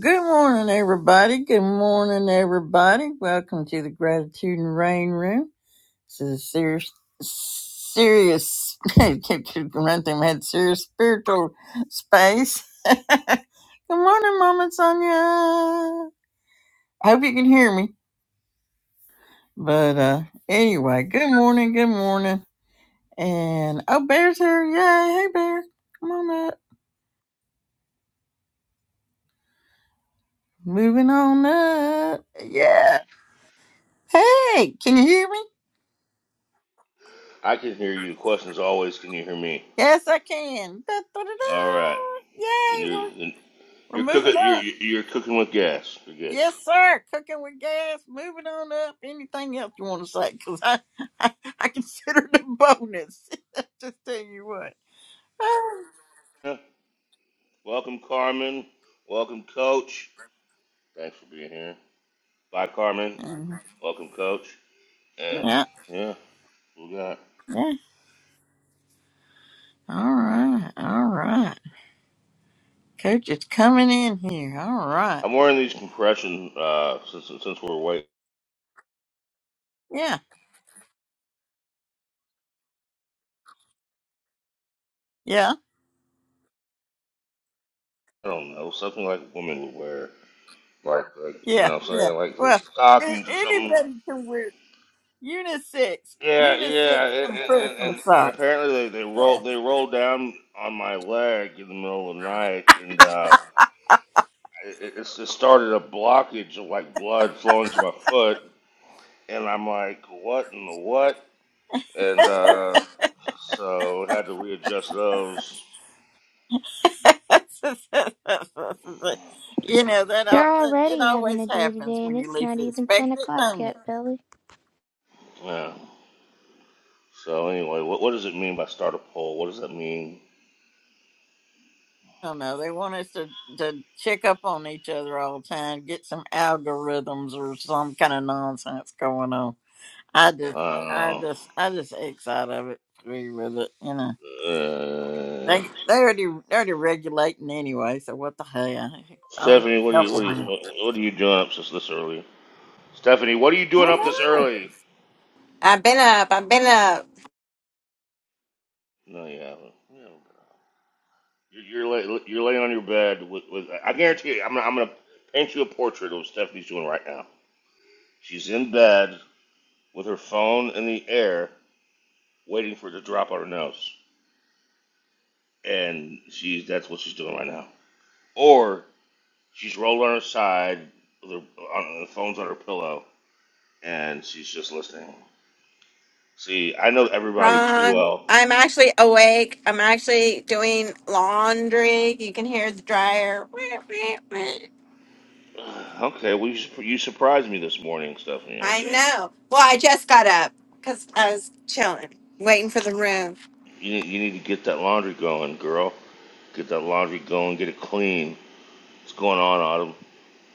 Good morning, everybody. Good morning, everybody. Welcome to the Gratitude and Rain Room. This is a serious, serious, kept run through my head, serious spiritual space. Good morning, Mama Sonia. I hope you can hear me. But uh anyway, good morning, good morning. And oh, Bear's here. Yay. Hey, Bear. Come on up. Moving on up. Yeah. Hey, can you hear me? I can hear you. The question's always, can you hear me? Yes, I can. Da-da-da-da. All right. Then Yay, you're, we're, then we're you're cooking. moving You're up. you're cooking with gas. You're good. Yes, sir. Cooking with gas, moving on up. Anything else you want to say? Because I, I, I consider it a bonus. Just tell you what. Huh. Welcome, Carmen. Welcome, Coach. Thanks for being here. Bye, Carmen. Mm, Welcome, Coach. And yeah, yeah, we got. yeah. All right, all right. Coach is coming in here. All right. I'm wearing these compression uh, since since we're white. Yeah, yeah, I don't know something like women would wear, like like you yeah, know what I'm yeah. saying, like, like Well, a- stockings or something. anybody can wear unisex, Yeah, unisex yeah, and and, compression and, and socks. apparently they, they Yeah. rolled they rolled down on my leg in the middle of the night, and uh, it, it it started a blockage of like blood flowing to my foot, and I'm like, what in the what? And uh, so had to readjust those. you know that, you al- are that it already having always a day happens today, and when you it's least not even 10 expect it, o'clock don't it? yet, Billy. Yeah. So anyway, what what does it mean by start a poll? What does that mean? I don't know. They want us to to check up on each other all the time, get some algorithms or some kind of nonsense going on. I just, I I just, I just X out of it, agree with it. You know, do Uh, uh, they they already they already regulating anyway, so what the hell? I don't Stephanie, what are help you what them are you out. what, what are you doing up this, this early? Stephanie, what are you doing I up know. this Some- early? I've been up. I've been up. No, you haven't. You haven't been out. You're you're, lay, you're laying on your bed with, with I guarantee you, I'm gonna, I'm gonna paint you a portrait of what Stephanie's doing right now. She's in bed with her phone in the air, waiting for it to drop on her nose, and she's that's what she's doing right now. Or she's rolled on her side, with her, on, the phone's on her pillow, and she's just listening. See, I know everybody too Ron, well. I'm actually awake. I'm actually doing laundry. You can hear the dryer. Okay, well you, sur- you surprised me this morning, Stephanie. I Okay, know. Well, I just got up because I was chilling, waiting for the room. you need, you need to get that laundry going, girl. Get that laundry going, get it clean. What's going on, Autumn?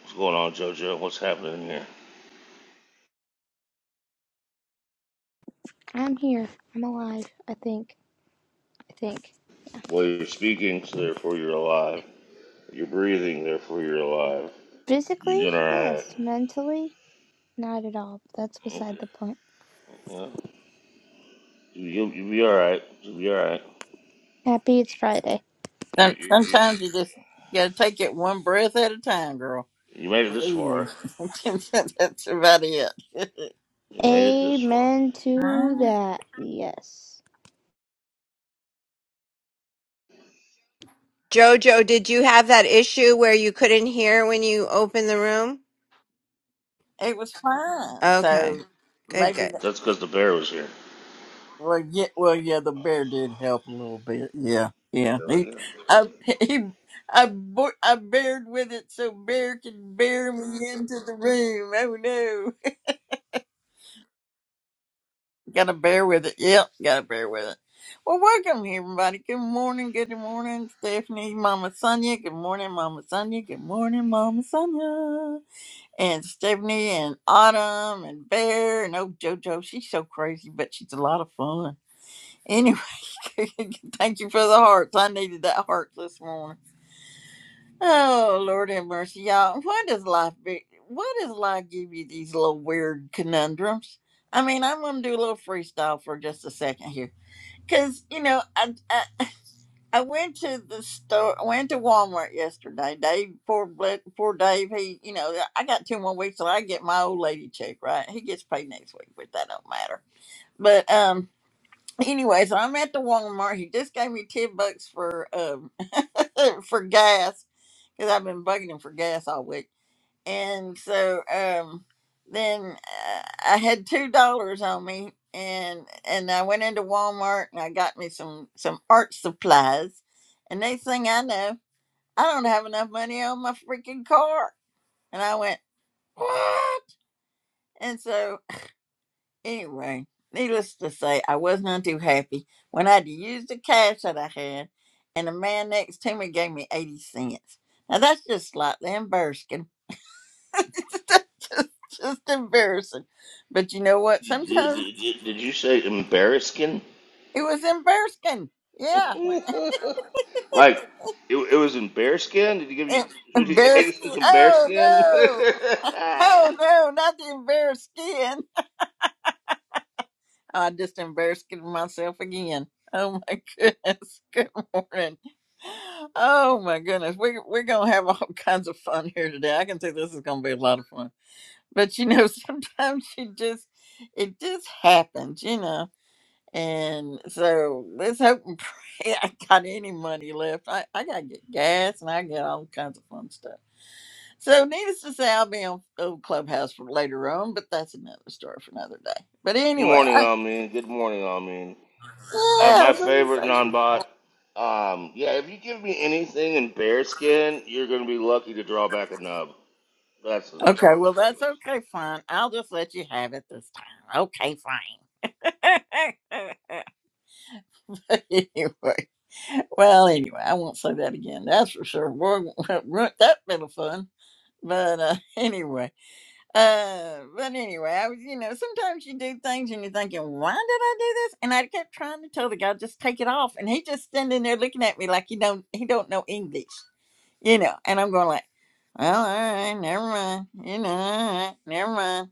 What's going on, JoJo? What's happening here? I'm here. I'm alive, I think. I think. Well, you're speaking, so therefore you're alive. You're breathing, therefore you're alive. Physically, You're doing all right. yes. Mentally, not at all. That's beside the Okay. point. Yeah. You, will you'll be all right. You'll be all right. Happy it's Friday. You, you, you, Sometimes you just gotta take it one breath at a time, girl. you made it this Believe far. me, That's about it. You made it this far. Amen to that. Yes. Jojo, did you have that issue where you couldn't hear when you opened the room? it was fine. So Okay. Good, maybe good. that, That's because the bear was here. well, yeah, well, yeah, the bear did help a little bit. Yeah, yeah. There He, we go. I, he, I, bo- I bared with it so bear could bear me into the room. Oh no, gotta bear with it. Yep, gotta bear with it. Well, welcome everybody. Good morning. Good morning, Stephanie, Mama Sonia. Good morning, Mama Sonia. Good morning, Mama Sonia. and Stephanie and Autumn and Bear and oh JoJo. She's so crazy, but she's a lot of fun. Anyway, thank you for the hearts. I needed that heart this morning. Oh Lord have mercy, y'all. What does life be? What does life give you these little weird conundrums? I mean, I'm gonna do a little freestyle for just a second here, cause you know I, I I went to the store. I went to Walmart yesterday. Dave, poor, Bl- poor Dave. He, you know, I got two more weeks till I get my old lady check. Right, he gets paid next week, but that don't matter. But um, anyway, so I'm at the Walmart. He just gave me ten bucks for um for gas because I've been bugging him for gas all week and so um then uh, i had two dollars on me and and i went into walmart and i got me some some art supplies and next thing i know i don't have enough money on my freaking car and i went what and so anyway needless to say i was not too happy when i had to use the cash that i had and the man next to me gave me 80 cents now that's just slightly embarrassing That's just, just embarrassing. But you know what? Did, Sometimes did, did did you say embarrassing? it was embarrassing. Yeah. like it, it was in bearskin. Did he give you? Em- Did he, he Embarrassing. said some Oh, bearskin? no. Oh, Good no. Not the embarrassed skin. I just embarrassed myself again. Oh, my goodness. Good morning. Oh, my goodness. We're, we're going to have all kinds of fun here today. I can see this is going to be a lot of fun. But you know, sometimes you just, it just happens, you know And so let's hope and pray I got any money left. I, I got to get gas and I get all kinds of fun stuff. So, needless to say, I'll be on old Clubhouse for later on, but that's another story for another day. But anyway, morning, I, I mean. Good morning, I mean. My yeah, I my was going to favorite say. non-bot. Um, yeah, if you give me anything in bearskin, you're gonna be lucky to draw back a nub. That's that's all Okay, I'm well, that's saying. okay, fine. I'll just let you have it this time. Okay, fine. anyway, well, anyway, I won't say that again. That's for sure. Boy, that been a fun. But uh, anyway. Uh, but anyway, I was, you know, sometimes you do things and you're thinking, why did I do this? And I kept trying to tell the guy, just take it off. And he just standing there looking at me like he don't he don't know English, you know. And I'm going like, well, all right, never mind, you know, all right, never mind.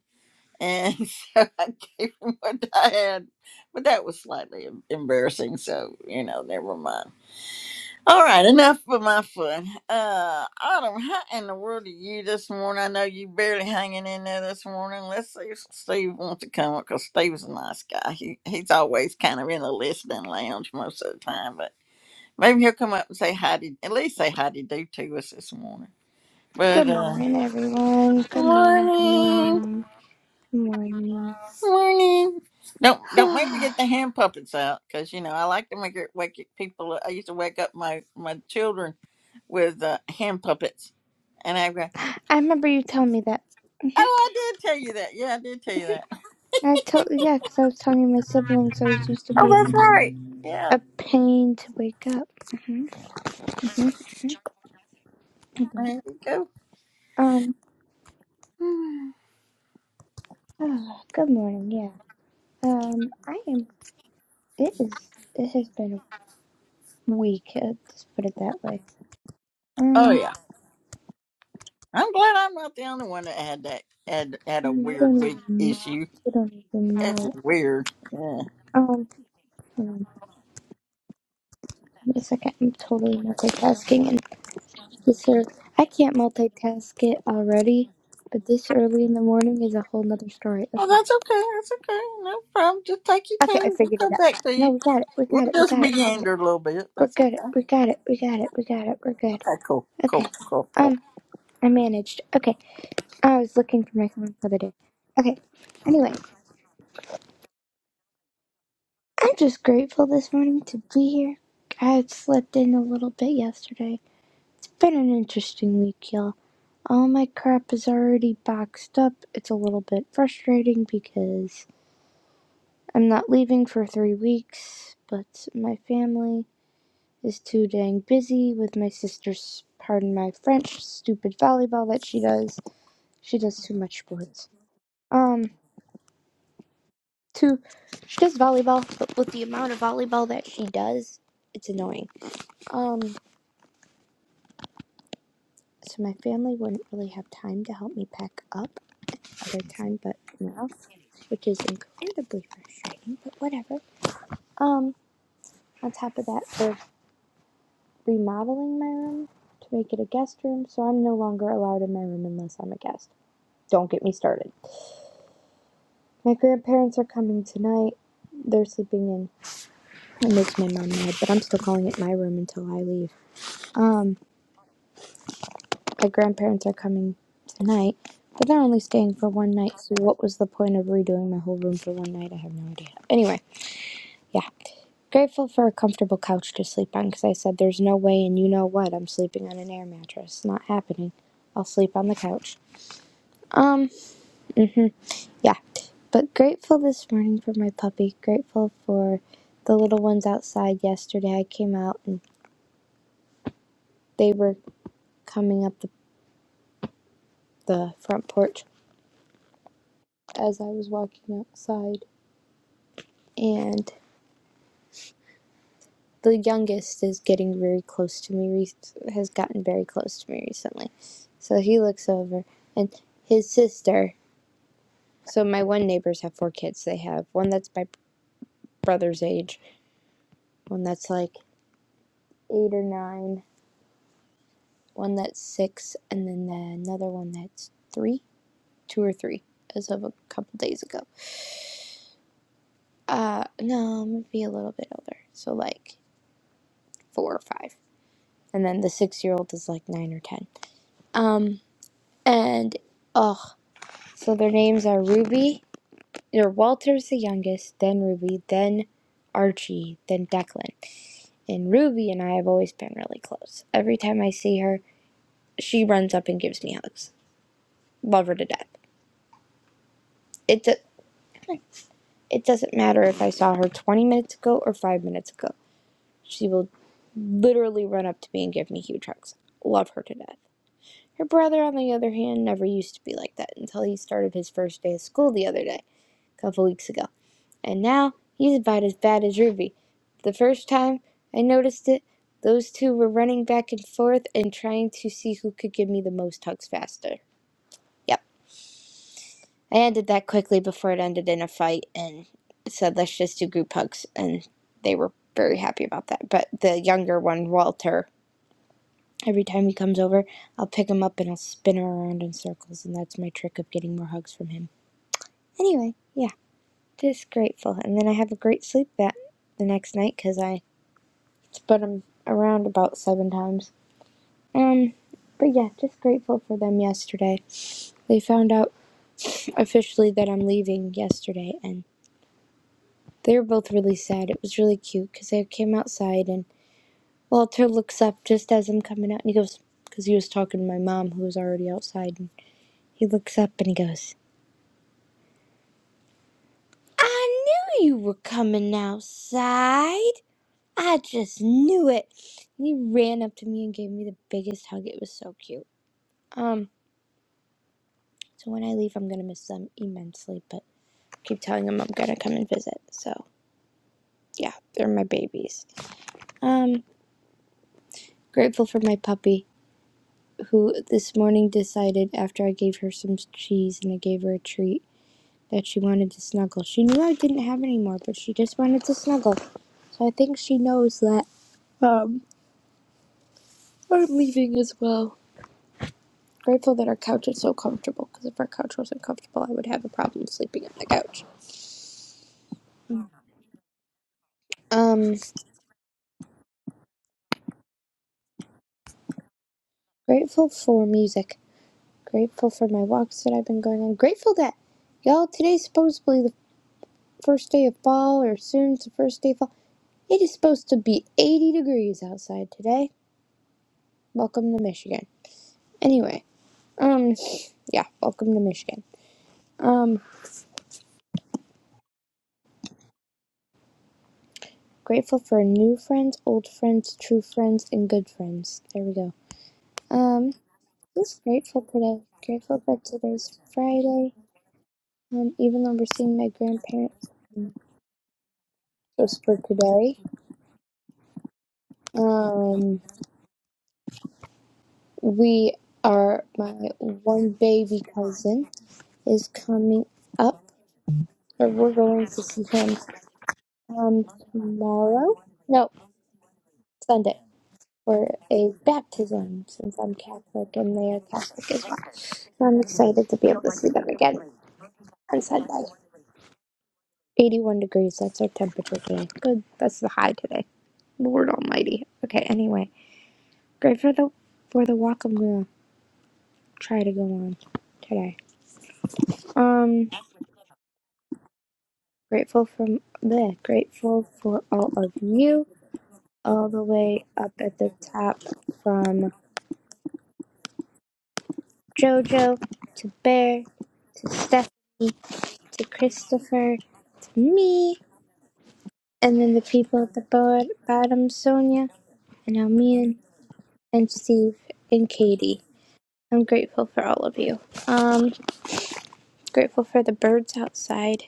And so I gave him what I had, but that was slightly em- embarrassing. So you know, never mind. All right, enough with my fun. Uh, Autumn, how in the world are you this morning? I know you barely hanging in there this morning. Let's see if Steve wants to come up because Steve's a nice guy. He he's always kind of in the listening lounge most of the time, but maybe he'll come up and say hi to at least say hi to do to us this morning. Good But uh, morning, everyone. Good morning, good morning. morning, good morning. Morning. Don't don't make me get the hand puppets out because you know I like to make it wake people. I used to wake up my my children with uh, hand puppets, and I go, I remember you telling me that. hmm "Oh, I did tell you that. Yeah, I did tell you that. I told, yeah, because I was telling you my siblings always used to Oh, be that's right. Yeah, a pain to wake up. Mm-hmm. Mhm, mhm, mhm, mhm. there you go. Um, ah, good morning. Yeah. Um, I am. It is. It has been a week. Uh, just put it that way. Oh Um, yeah. I'm glad I'm not the only one that had that had had a you weird don't week even. issue. You don't even know. That's weird. Yeah. Um, hold on. Wait a second. I'm totally multitasking, and this ear- I can't multitask it already. But this early in the morning is a whole nother story. Oh, Okay. that's okay. That's okay. No problem. Just take your Okay, I time. We'll figured it come out. back to No, you. we got it. We We'll got it. We just got it. We got it. meander a little bit. We're That's good. okay. We got it. We got it. We got it. We're good. Okay, cool. Cool, Okay. cool, cool. Um. I managed. Okay. I was looking for my phone for the day. Okay. Anyway, I'm just grateful this morning to be here. I had slept in a little bit yesterday. It's been an interesting week, y'all. All my crap is already boxed up. It's a little bit frustrating because I'm not leaving for three weeks, but my family is too dang busy with my sister's, pardon my French, stupid volleyball that she does. She does too much sports. Um. to she does volleyball, but with the amount of volleyball that she does, it's annoying. Um, so my family wouldn't really have time to help me pack up other time, but now, which is incredibly frustrating. But whatever. Um, on top of that, they're remodeling my room to make it a guest room, so I'm no longer allowed in my room unless I'm a guest. Don't get me started. My grandparents are coming tonight. They're sleeping in. It makes my mom mad, but I'm still calling it my room until I leave. Um, My grandparents are coming tonight, but they're only staying for one night, so what was the point of redoing my whole room for one night? I have no idea. Anyway, yeah. Grateful for a comfortable couch to sleep on because I said there's no way, and you know what, I'm sleeping on an air mattress. Not happening. I'll sleep on the couch. Um, yeah. But grateful this morning for my puppy. Grateful for the little ones outside yesterday. I came out and they were coming up the, the front porch as I was walking outside. And the youngest is getting very close to me has gotten very close to me recently so he looks over and his sister so my one neighbors have four kids they have one that's my brother's age one that's like eight or nine one that's six and then another one that's three two or three as of a couple days ago uh no maybe a little bit older so like four or five and then the six year old is like nine or ten um and oh. So their names are Ruby, or Walter's the youngest, then Ruby, then Archie, then Declan. And Ruby and I have always been really close. Every time I see her, she runs up and gives me hugs. Love her to death. It, do- it doesn't matter if I saw her 20 minutes ago or 5 minutes ago. She will literally run up to me and give me huge hugs. Love her to death. Her brother, on the other hand, never used to be like that until he started his first day of school the other day, a couple weeks ago. And now he's about as bad as Ruby. The first time I noticed it, those two were running back and forth and trying to see who could give me the most hugs faster. Yep. I ended that quickly before it ended in a fight and said, let's just do group hugs. And they were very happy about that. But the younger one, Walter, every time he comes over, I'll pick him up and I'll spin her around in circles. And that's my trick of getting more hugs from him. Anyway, yeah, just grateful. And then I have a great sleep that the next night because I but I'm around about seven times. Um, but yeah, just grateful for them yesterday. They found out officially that I'm leaving yesterday, and they were both really sad. It was really cute because they came outside, and Walter looks up just as I'm coming out, and he goes, because he was talking to my mom, who was already outside, and he looks up and he goes, I knew you were coming outside. I just knew it. And he ran up to me and gave me the biggest hug. It was so cute. Um, So when I leave, I'm gonna miss them immensely. But I keep telling them I'm gonna come and visit. So yeah, they're my babies. Um, grateful for my puppy who this morning decided after I gave her some cheese and I gave her a treat that she wanted to snuggle. She knew I didn't have any more, but she just wanted to snuggle. So I think she knows that um I'm leaving as well. Grateful that our couch is so comfortable because if our couch wasn't comfortable, I would have a problem sleeping on the couch. Um, grateful for music. Grateful for my walks that I've been going on. Grateful that, y'all, today's supposedly the first day of fall, or soon's the first day of fall. It is supposed to be 80 degrees outside today. Welcome to Michigan. Anyway, um, yeah, welcome to Michigan. Um, grateful for new friends, old friends, true friends, and good friends. There we go. Um, just grateful today. Grateful that today's Friday. Um, even though we're seeing my grandparents just for today. Um, we are my one baby cousin is coming up, or we're going to see him um tomorrow. No, Sunday for a baptism since I'm Catholic and they are Catholic as well. So I'm excited to be able to see them again on Sunday. 81 degrees, that's our temperature today. Good, that's the high today. Lord Almighty. Okay, anyway, great for the for the walk I'm gonna try to go on today. Um. Grateful from there. Grateful for all of you, all the way up at the top from JoJo to Bear to Stephanie to Christopher to me, and then the people at the bo- bottom, Sonia and Almian and Steve and Katie. I'm grateful for all of you. Um, grateful for the birds outside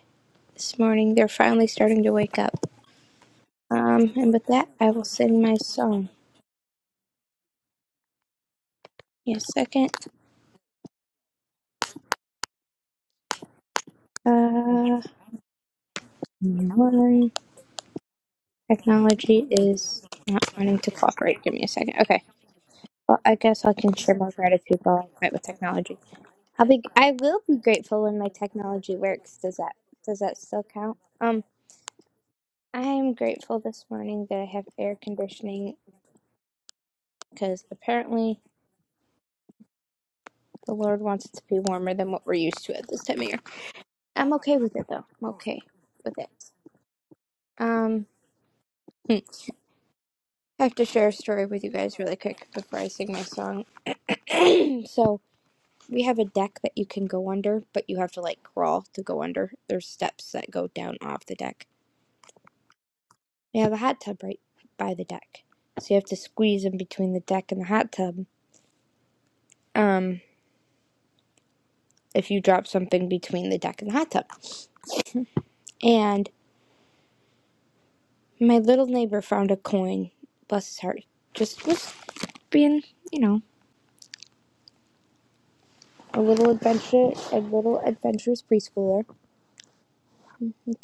this morning. They're finally starting to wake up. Um, and with that, I will sing my song. Yes, second. Uh. No Technology is not wanting to cooperate. Give me a second. Okay. Well, I guess I can share my gratitude while I fight with technology. I'll be. I will be grateful when my technology works. Does that? Does that still count? Um, I am grateful this morning that I have air conditioning because apparently the Lord wants it to be warmer than what we're used to at this time of year. I'm okay with it though. I'm okay with it. Um. hmm. I have to share a story with you guys really quick before I sing my song. so, We have a deck that you can go under, but you have to like crawl to go under. There's steps that go down off the deck. We have a hot tub right by the deck. So you have to squeeze in between the deck and the hot tub. Um if you drop something between the deck and the hot tub. And my little neighbor found a coin, bless his heart. Just was being, you know, a little adventure a little adventurous preschooler.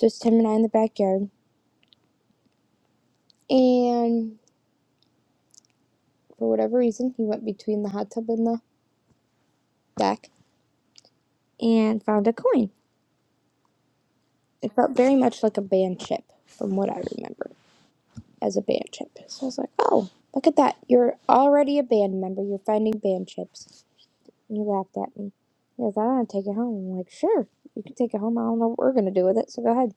Just him and I in the backyard. And for whatever reason he went between the hot tub and the deck and found a coin. It felt very much like a band chip, from what I remember as a band chip. So I was like, oh, look at that. You're already a band member. You're finding band chips. And he laughed at me. He goes, I want to take it home. I'm like, sure, you can take it home. I don't know what we're going to do with it, so go ahead.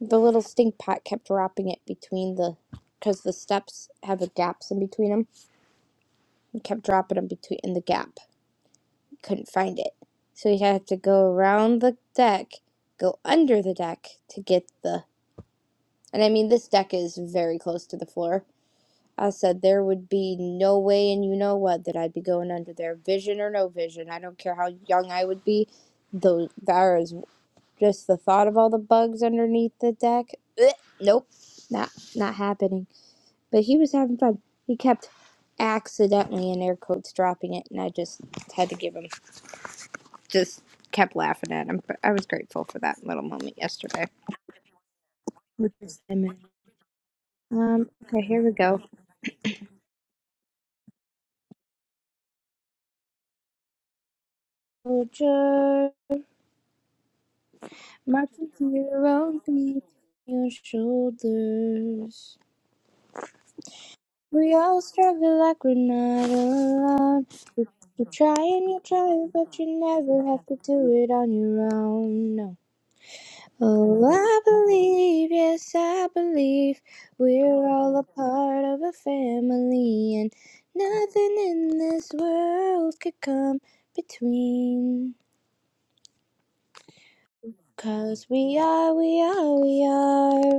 The little stink pot kept dropping it between the, because the steps have the gaps in between them. He kept dropping them between in the gap. Couldn't find it. So he had to go around the deck, go under the deck to get the And I mean, this deck is very close to the floor. I said there would be no way, and you know what, that I'd be going under there, vision or no vision. I don't care how young I would be. Though there is just the thought of all the bugs underneath the deck. Ugh, nope, not not happening. But he was having fun. He kept accidentally in air quotes dropping it, and I just had to give him. Just kept laughing at him. But I was grateful for that little moment yesterday. Which is- Um. Okay. Here we go. Soldier, marching to your own beat, your shoulders. We all struggle like we're not alone. You, you try and you try, but you never have to do it on your own. No. Oh, I believe, yes, I believe we're all a part of a family, and nothing in this world could come between. Cause we are, we are, we are.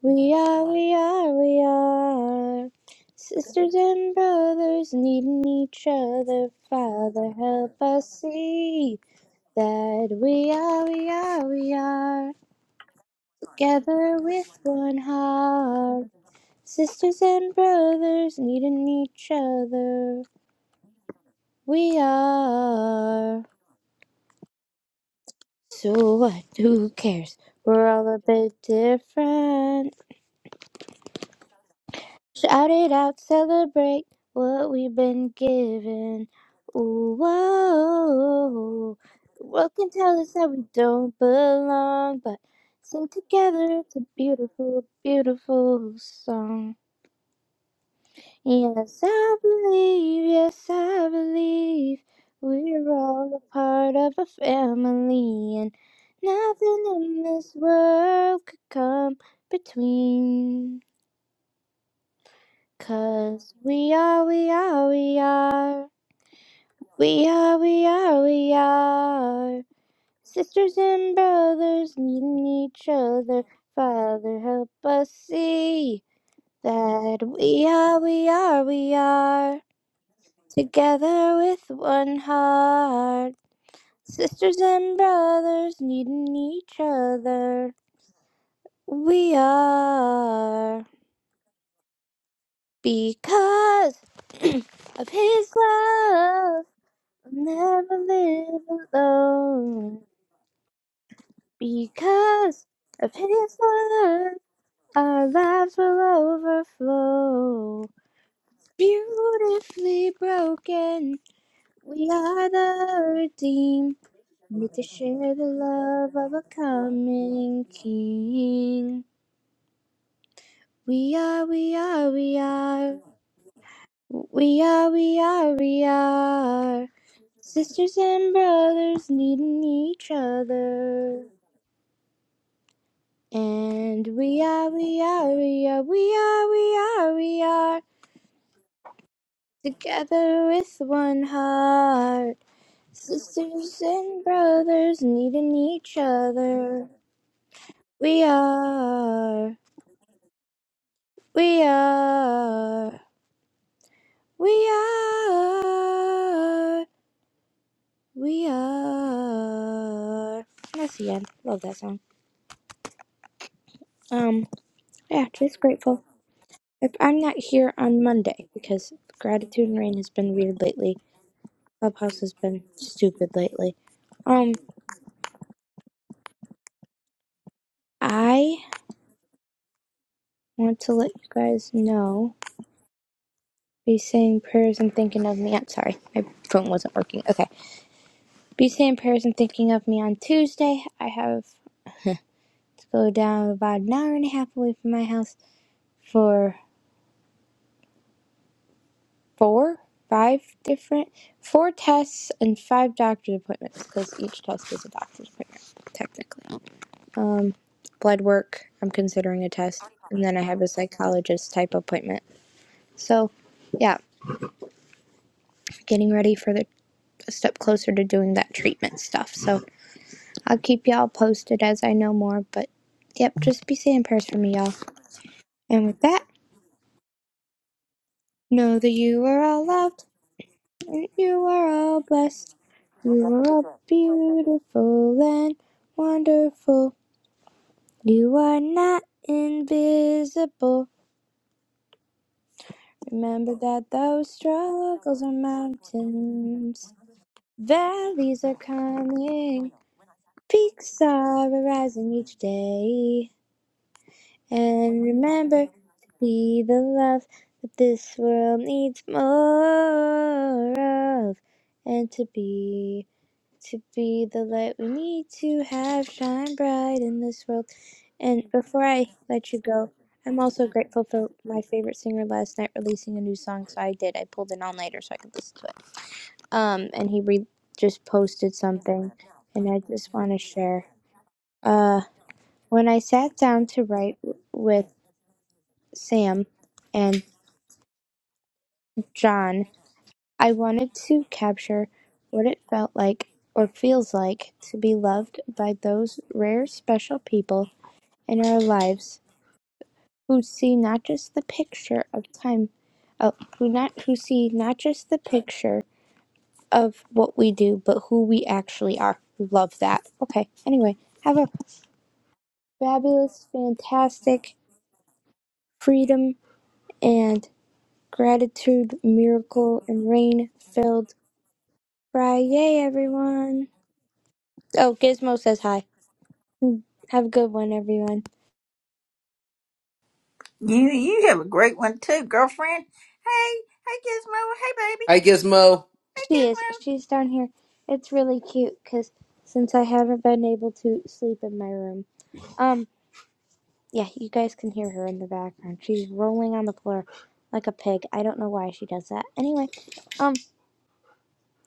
We are, we are, we are. Sisters and brothers needing each other. Father, help us see that we are, we are, we are. Together with one heart. Sisters and brothers needing each other. We are. So what? Who cares? We're all a bit different. Shout it out, celebrate what we've been given. Ooh, whoa. The world can tell us that we don't belong, but sing together, it's a beautiful, beautiful song. Yes, I believe, yes, I believe we're all a part of a family, and nothing in this world could come between. Cause we are, we are, we are. We are, we are, we are. Sisters and brothers needing each other. Father, help us see that we are, we are, we are. Together with one heart. Sisters and brothers needing each other. We are. Because of his love. I'll never live alone because of his love. Our lives will overflow. Beautifully broken, we are the redeemed. Made to share the love of a coming king. We are, we are, we are. We are, we are, we are. Sisters and brothers needing each other. And we are, we are, we are, we are, we are, we are together with one heart. Sisters and brothers needing each other. We are, we are, we are, we are. That's the end. Love that song. Um, yeah, just grateful. If I'm not here on Monday because gratitude and rain has been weird lately Clubhouse has been stupid lately. Um, I want to let you guys know. Be saying prayers and thinking of me. I'm sorry, my phone wasn't working. Okay. Be saying prayers and thinking of me on Tuesday. I have to go down about an hour and a half away from my house for four, five different, four tests and five doctor's appointments because each test is a doctor's appointment, technically. Um, blood work, I'm considering a test. And then I have a psychologist type appointment So, yeah, getting ready for the a step closer to doing that treatment stuff. So, I'll keep y'all posted as I know more, but yep, just be saying prayers for me, y'all. And with that, know that you are all loved and you are all blessed. You are all beautiful and wonderful. You are not invisible. Remember that those struggles are mountains, valleys are coming. Peaks are arising each day, and remember to be the love that this world needs more of, and to be to be the light we need to have shine bright in this world. And before I let you go, I'm also grateful for my favorite singer last night releasing a new song, so I did. I pulled an all-nighter so I could listen to it. Um, and he re- just posted something, and I just want to share. Uh. When I sat down to write with Sam and John, I wanted to capture what it felt like or feels like to be loved by those rare special people in our lives who see not just the picture of time uh, who not who see not just the picture of what we do but who we actually are. Love that. Okay. Anyway, have a fabulous, fantastic freedom and Gratitude, Miracle, and Rain filled Fry. Yay, everyone! Oh, Gizmo says hi. Have a good one, everyone. You you have a great one too, girlfriend. Hey, hey Gizmo. Hey baby. Hi, Gizmo. She is. Hey She's down here. It's really cute because since I haven't been able to sleep in my room. Um, yeah, you guys can hear her in the background. She's rolling on the floor like a pig. I don't know why she does that. Anyway, um.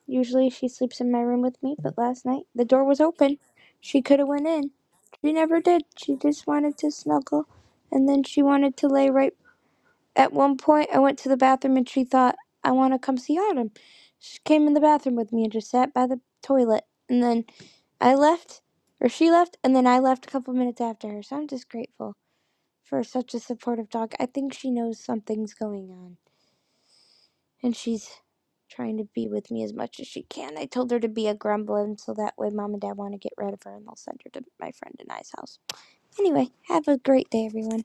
Usually she sleeps in my room with me, but last night the door was open. She could have went in. She never did. She just wanted to snuggle and then she wanted to lay right at one point I went to the bathroom and she thought I want to come see Autumn. She came in the bathroom with me and just sat by the toilet and then I left or she left and then I left a couple minutes after her. So I'm just grateful for such a supportive dog. I think she knows something's going on and she's trying to be with me as much as she can. I told her to be a gremlin so that way mom and dad want to get rid of her and they'll send her to my friend and I's house. Anyway, have a great day, everyone.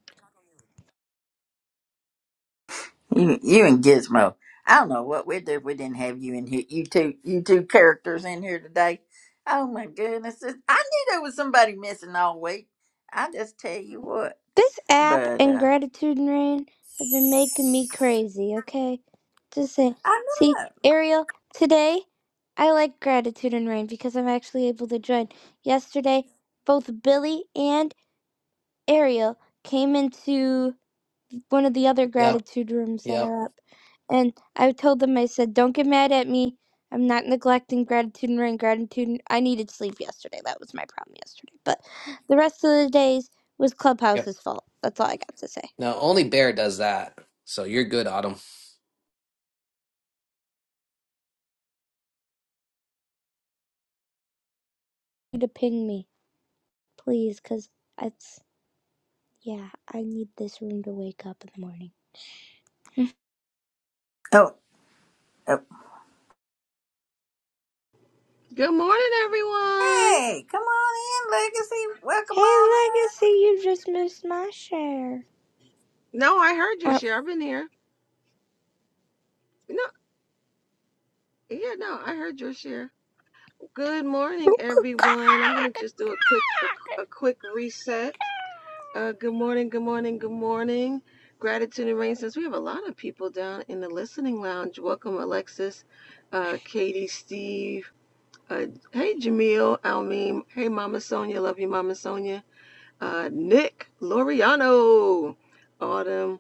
Gizmo. You, you and Gizmo. I don't know what we'd do if we didn't have you in here. You two you two characters in here today. Oh my goodness. This- I knew there was somebody missing all week. I just tell you what. This app But and uh gratitude and rain have been making me crazy, okay? Just saying. I See, Ariel, today I like gratitude and rain because I'm actually able to join. Yesterday, both Billy and Ariel came into one of the other Yep, gratitude rooms that yep, are up. And I told them, I said, don't get mad at me. I'm not neglecting gratitude and rain. Gratitude, I needed sleep yesterday. That was my problem yesterday. But the rest of the days was yep. Clubhouse's fault. That's all I got to say. No, only Bear does that. So you're good, Autumn. You to ping me, please, because it's, yeah, I need this room to wake up in the morning. know. Oh Good morning, everyone. Hey, come on in, Legacy. Welcome hey, on. Legacy, you just missed my share. No, I heard your Uh, share. I've been here. No, yeah, no, I heard your share. Good morning, everyone. I'm gonna just do a quick, a, a quick reset. Uh, good morning, good morning, good morning. Gratitude and rain. Since we have a lot of people down in the listening lounge, welcome Alexis, uh, Katie, Steve. Uh, hey, Jamil, Almeem. Hey, Mama Sonia. Love you, Mama Sonia. Uh, Nick, Loriano, Autumn.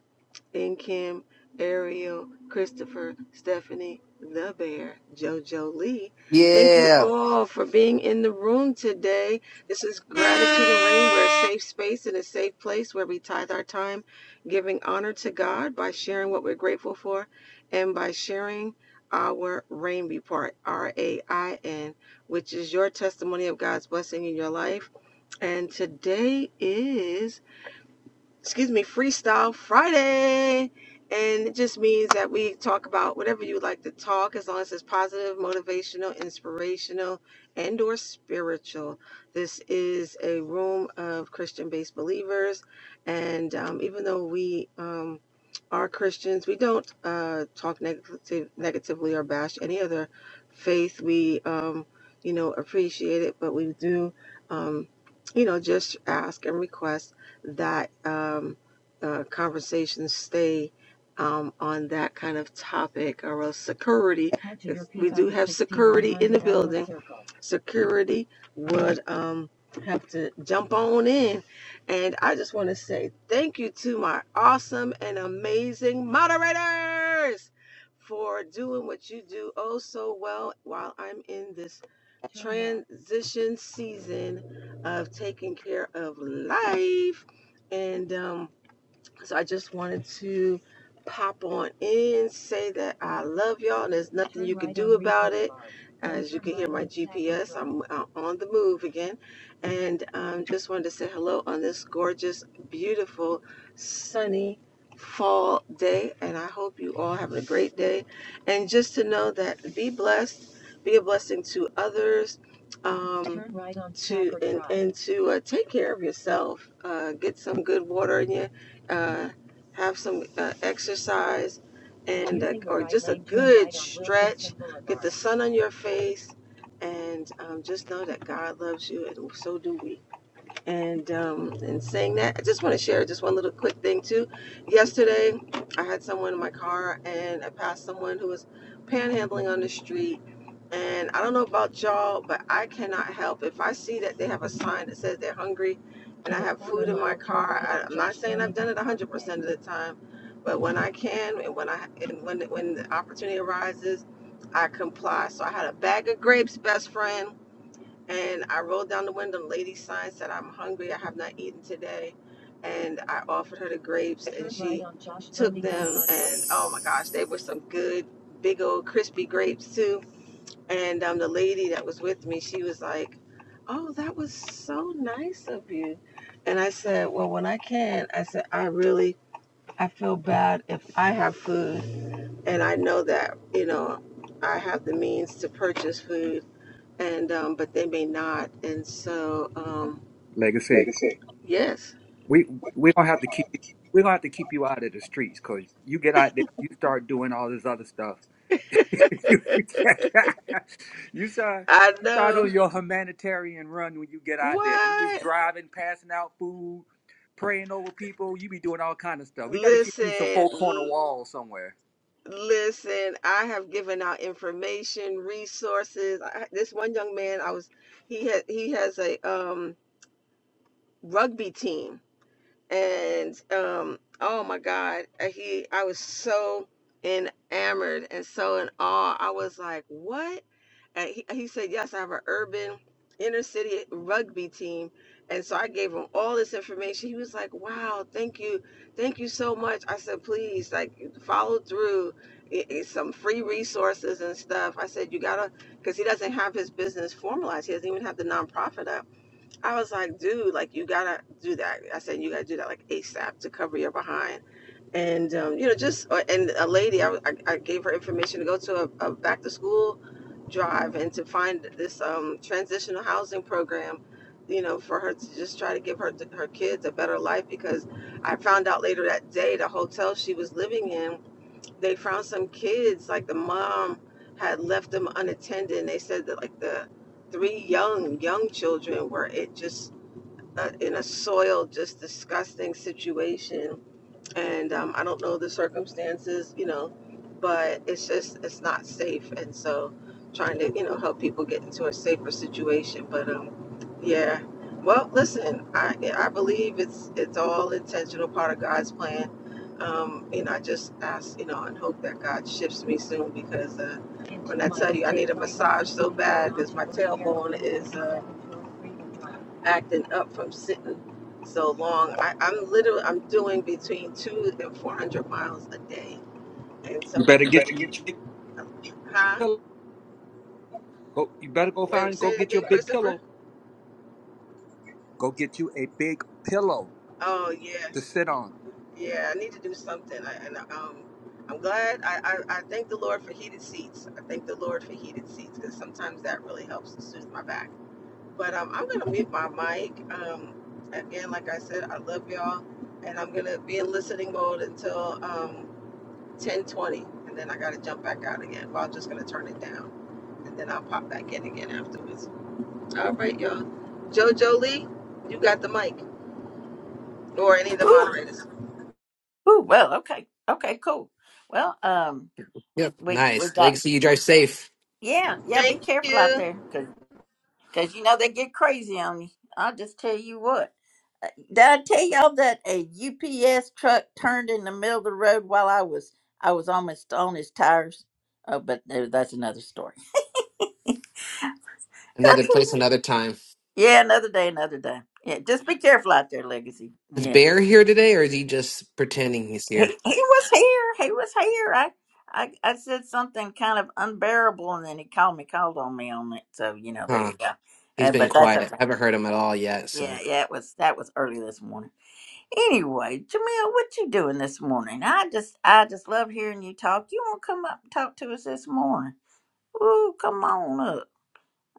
and Kim, Ariel, Christopher, Stephanie, the bear, JoJo Lee. Thank you Yeah. all for being in the room today. This is Gratitude and Rain. We're a safe space and a safe place where we tithe our time giving honor to God by sharing what we're grateful for and by sharing our rain report, R A I N, which is your testimony of God's blessing in your life. And today is excuse me, Freestyle Friday. And it just means that we talk about whatever you like to talk, as long as it's positive, motivational, inspirational, and or spiritual. This is a room of Christian-based believers, and um, even though we um, are Christians, we don't uh, talk negative, negatively or bash any other faith. We, um, you know, appreciate it, but we do, um, you know, just ask and request that um, uh, conversations stay um, on that kind of topic or else security. if We do have security in the building. Security would um, have to jump on in. And I just want to say thank you to my awesome and amazing moderators for doing what you do oh so well while I'm in this transition season of taking care of life and um, so I just wanted to pop on in, say that I love y'all, and there's nothing you can do about it. As you can hear my GPS, I'm uh, on the move again, and um, just wanted to say hello on this gorgeous, beautiful, sunny fall day. And I hope you all have a great day, and just to know that be blessed, be a blessing to others. Um, to and, and to uh, take care of yourself. Uh, get some good water in you uh, have some uh, exercise and uh, or just a good stretch. Get the sun on your face, and um, just know that God loves you, and so do we. And um, and saying that, I just want to share just one little quick thing too. Yesterday, I had someone in my car, and I passed someone who was panhandling on the street. And I don't know about y'all, but I cannot help if I see that they have a sign that says they're hungry, and I have food in my car. I, I'm not saying I've done it 100% of the time, but when I can, and when I and when when the opportunity arises, I comply. So I had a bag of grapes, best friend and I rolled down the window. The lady sign said, I'm hungry. I have not eaten today. And I offered her the grapes, and she took them. And oh my gosh, they were some good, big old crispy grapes, too. And um, the lady that was with me, she was like, Oh, that was so nice of you. And I said, Well, when I can, I said, I really, I feel bad if I have food. And I know that, you know, I have the means to purchase food and um, but they may not. And so, um, Legacy. Legacy. yes, We we don't have to keep you we don't have to keep you out of the streets because you get out there, you start doing all this other stuff. you you start I you start on know. your humanitarian run when you get out there. You be What? driving, passing out food, praying over people. You be doing all kind of stuff. We got to get you some Listen, four corner l- wall somewhere. listen. I have given out information, resources. I, this one young man, I was, he had, he has a um, rugby team, and um, oh my God, uh, he, I was so enamored and so in awe. I was like, what? and he, he said, Yes, I have an urban inner city rugby team. And so I gave him all this information. He was like, Wow, thank you. Thank you so much. I said, Please, like, follow through. It, it's some free resources and stuff. I said, You gotta, because he doesn't have his business formalized. He doesn't even have the nonprofit up. I was like, Dude, like, you gotta do that. I said, You gotta do that, like, ASAP to cover your behind and um, you know just uh, and a lady I, I, I gave her information to go to a, a back to school drive and to find this um, transitional housing program you know for her to just try to give her her kids a better life because i found out later that day the hotel she was living in they found some kids like the mom had left them unattended and they said that like the three young young children were it just uh, in a soiled just disgusting situation and um, I don't know the circumstances, you know, but it's just it's not safe, and so trying to you know help people get into a safer situation. But um, yeah, well, listen, I I believe it's it's all intentional, part of God's plan. Um, you know, I just ask, you know, and hope that God shifts me soon because uh, when I tell you I need a massage so bad because my tailbone is uh, acting up from sitting so long. I, I'm literally I'm doing between two and four hundred miles a day, and You so it's better You like, get better you get huh? pillow. Go, you better go Wait, find say go it get your again, big Christopher. pillow. Go get you a big pillow Oh yeah, to sit on. yeah. I need to do something. I, and um, I'm glad. I, I I thank the Lord for heated seats. I thank the Lord for heated seats because sometimes that really helps to soothe my back. But um, I'm gonna mute my mic. Um, again, like I said, I love y'all, and I'm gonna be in listening mode until um. 10:20, and then I gotta jump back out again. But I'm just gonna turn it down, and then I'll pop back in again afterwards. All right, y'all. JoJo Lee, you got the mic, or any of the in. Ooh, moderators. ooh, well, okay, okay, cool. Well, um, Yep. we we Nice. got Legacy, you drive safe. yeah, yeah. Be Thank careful out you. there, cause 'cause, you know they get crazy on you. I'll just tell you what. Uh, Did I tell y'all that a UPS truck turned in the middle of the road while I was I was almost on his tires? Oh, but no, that's another story. Another That's place, another time. yeah, another day, another day. Yeah, just be careful out there, Legacy. Is Yeah. Bear here today, or is he just pretending he's he here? he was here. He was here. I, I I said something kind of unbearable, and then he called me, called on me on it. So you know, there you Huh. go. He's Uh, been but that's quiet. okay. I haven't heard him at all yet. Yeah, So yeah, it was that was early this morning. Anyway, Jamil, what you doing this morning? I just I just love hearing you talk. You want to come up and talk to us this morning? Ooh, come on up.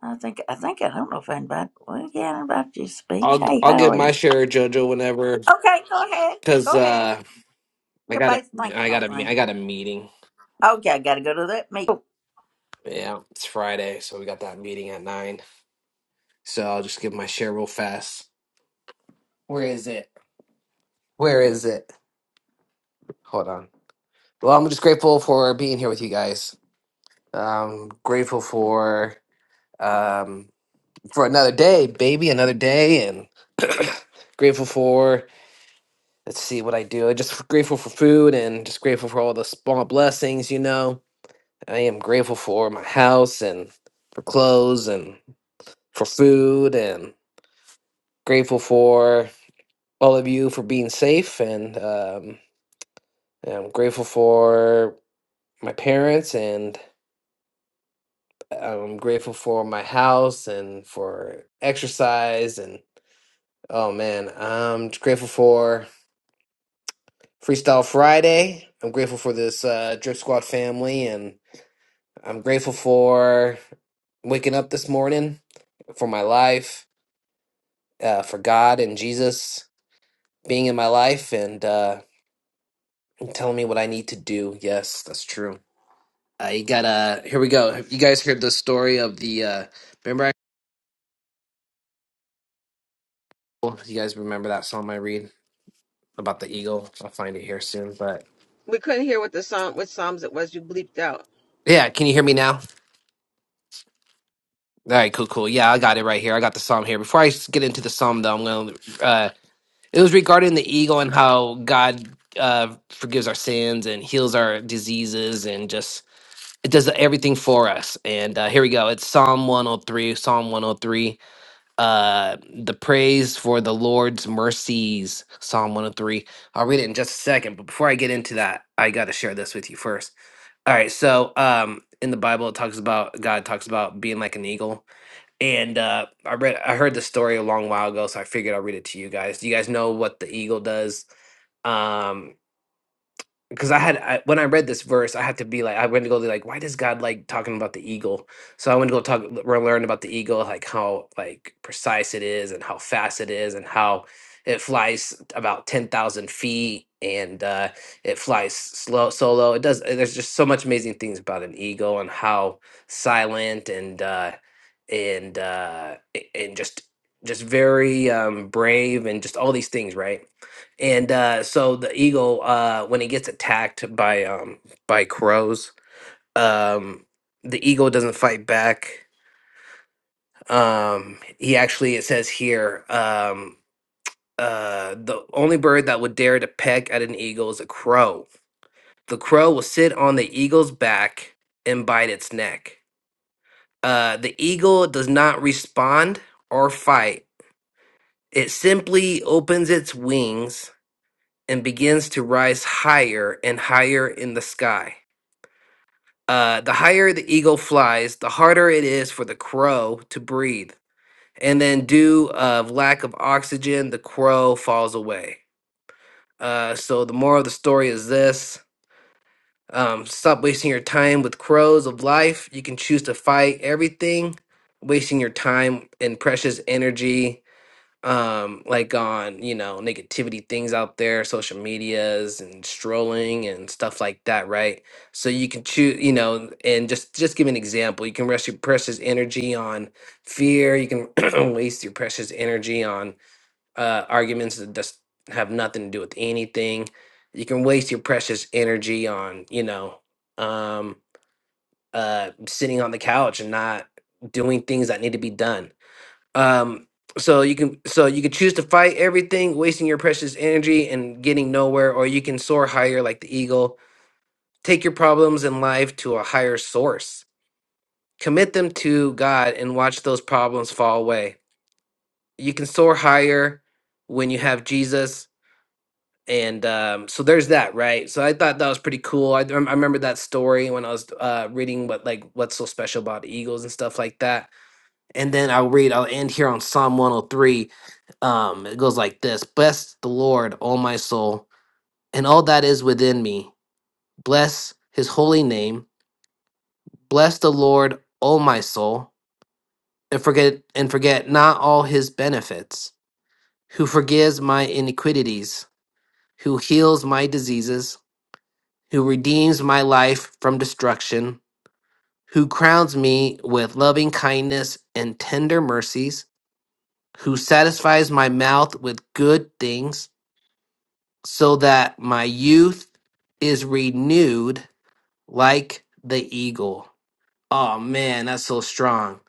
I think I think I don't know if I invited. Well, yeah, I invited you to speak. I'll Hey, I'll how get are my you? share, Jojo, whenever. Okay, go ahead. Cause Go ahead. uh, I got a Everybody's thinking I all got a me- things. I got a meeting. Okay, I got to go to that meeting. Yeah, it's Friday, so we got that meeting at nine. So I'll just give my share real fast. Where is it? Where is it? Hold on. Well, I'm just grateful for being here with you guys. Um, grateful for um, for another day, baby, another day, and grateful for let's see what I do. Just grateful for food, and just grateful for all the small blessings. You know, I am grateful for my house and for clothes and for food, and grateful for all of you for being safe, and um, I'm grateful for my parents and. I'm grateful for my house and for exercise and oh man, I'm grateful for Freestyle Friday. I'm grateful for this uh, Drip Squad family and I'm grateful for waking up this morning, for my life, uh, for God and Jesus being in my life and uh, telling me what I need to do. Yes, that's true. Uh, you gotta. Here we go. You guys heard the story of the. Uh, remember, I, you guys remember that song I read? about the eagle. I'll find it here soon. But We couldn't hear what the song, which psalms it was. You bleeped out. yeah, can you hear me now? All right, cool, cool. Yeah, I got it right here. I got the psalm here. Before I s- get into the psalm, though, I'm going to. Uh, it was regarding the eagle and how God uh, forgives our sins and heals our diseases and just it does everything for us. And uh, here we go. It's Psalm 103. Psalm 103. Uh, the praise for the Lord's mercies. Psalm 103. I'll read it in just a second. But before I get into that, I got to share this with you first. All right, so um in the Bible it talks about God talks about being like an eagle. And uh I read I heard the story a long while ago, so I figured I'll read it to you guys. Do you guys know what the eagle does? Um because I had I, when I read this verse, I had to be like, I went to go like, why does God like talking about the eagle? So I went to go talk, l- learn about the eagle, like how like precise it is, and how fast it is, and how it flies about ten thousand feet, and uh, it flies slow solo. It does. There's just so much amazing things about an eagle and how silent and uh, and uh, a- and just just very um, brave and just all these things, right? And uh, so the eagle, uh, when it gets attacked by um, by crows, um, the eagle doesn't fight back. Um, he actually, it says here, um, uh, the only bird that would dare to peck at an eagle is a crow. The crow will sit on the eagle's back and bite its neck. Uh, the eagle does not respond or fight. It simply opens its wings and begins to rise higher and higher in the sky. Uh, the higher the eagle flies, the harder it is for the crow to breathe. And then, due of lack of oxygen, the crow falls away. Uh, so the moral of the story is this: um, stop wasting your time with crows of life. You can choose to fight everything, wasting your time and precious energy um like on you know negativity things out there social medias and strolling and stuff like that right so you can choose you know and just just give an example you can rest your precious energy on fear you can waste your precious energy on uh arguments that just have nothing to do with anything you can waste your precious energy on you know um uh sitting on the couch and not doing things that need to be done um, so you can so you can choose to fight everything, wasting your precious energy and getting nowhere, or you can soar higher like the eagle. Take your problems in life to a higher source. Commit them to God and watch those problems fall away. You can soar higher when you have Jesus. And um, so there's that, right? So I thought that was pretty cool. I, I remember that story when I was uh, reading what like what's so special about eagles and stuff like that And then I'll read, I'll end here on Psalm 103. Um, it goes like this Bless the Lord, O my soul, and all that is within me. Bless his holy name. Bless the Lord, O my soul, and forget and forget not all his benefits, who forgives my iniquities, who heals my diseases, who redeems my life from destruction, who crowns me with loving kindness and tender mercies, who satisfies my mouth with good things so that my youth is renewed like the eagle. Oh man, that's so strong.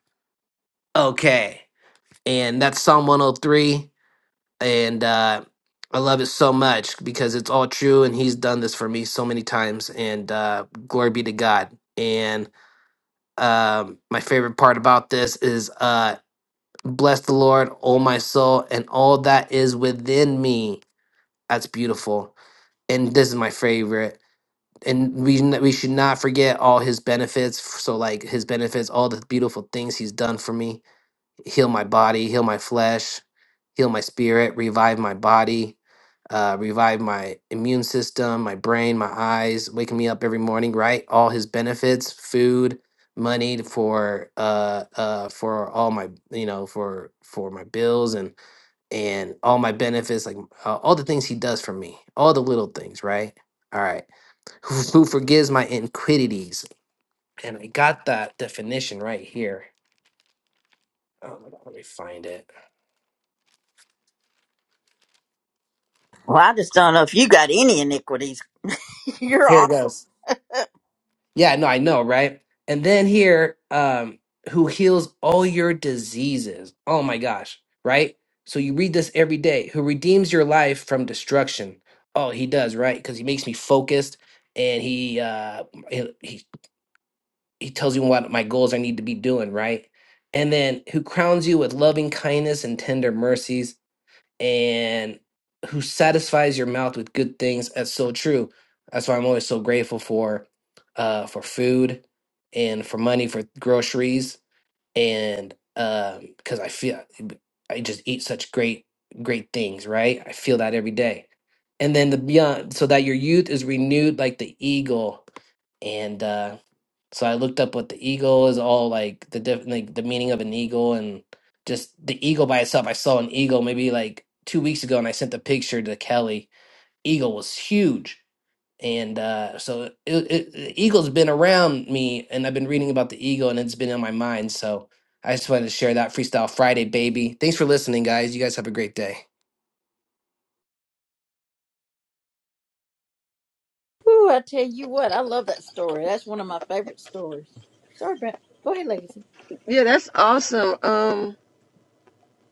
Okay. And that's Psalm 103. And uh, I love it so much because it's all true. And he's done this for me so many times. And uh, glory be to God. And um, my favorite part about this is uh, bless the Lord, O my soul, and all that is within me. That's beautiful. And this is my favorite. and we n- we should not forget all his benefits. So like his benefits, all the beautiful things he's done for me: heal my body, heal my flesh, heal my spirit, revive my body, uh, revive my immune system, my brain, my eyes, waking me up every morning. Right, all his benefits: food, money for uh uh for all my you know for for my bills and and all my benefits, like uh, all the things he does for me, all the little things. Right. All right who, who forgives my iniquities. And I got that definition right here. Oh my God, let me find it. Well, I just don't know if you got any iniquities. You're Here it awesome. goes. Yeah, no, I know, right? And then here, um, who heals all your diseases. Oh my gosh, right? So you read this every day, who redeems your life from destruction. Oh, he does, right? Because he makes me focused and he uh he he he tells you what my goals I need to be doing, right? And then who crowns you with loving kindness and tender mercies and who satisfies your mouth with good things. That's so true. That's why I'm always so grateful for uh for food and for money for groceries and um because I feel I just eat such great great things, right? I feel that every day. And then the beyond so that your youth is renewed like the eagle. And uh so I looked up what the eagle is all like the diff- like the meaning of an eagle and just the eagle by itself. I saw an eagle maybe like two weeks ago, and I sent the picture to Kelly. Eagle was huge, and uh, so it, it, the eagle's been around me, and I've been reading about the eagle, and it's been in my mind. So I just wanted to share that Freestyle Friday, baby. Thanks for listening, guys. You guys have a great day. Ooh, I tell you what, I love that story. That's one of my favorite stories. Sorry, Brent. Go ahead, Legacy. Yeah, that's awesome. Um,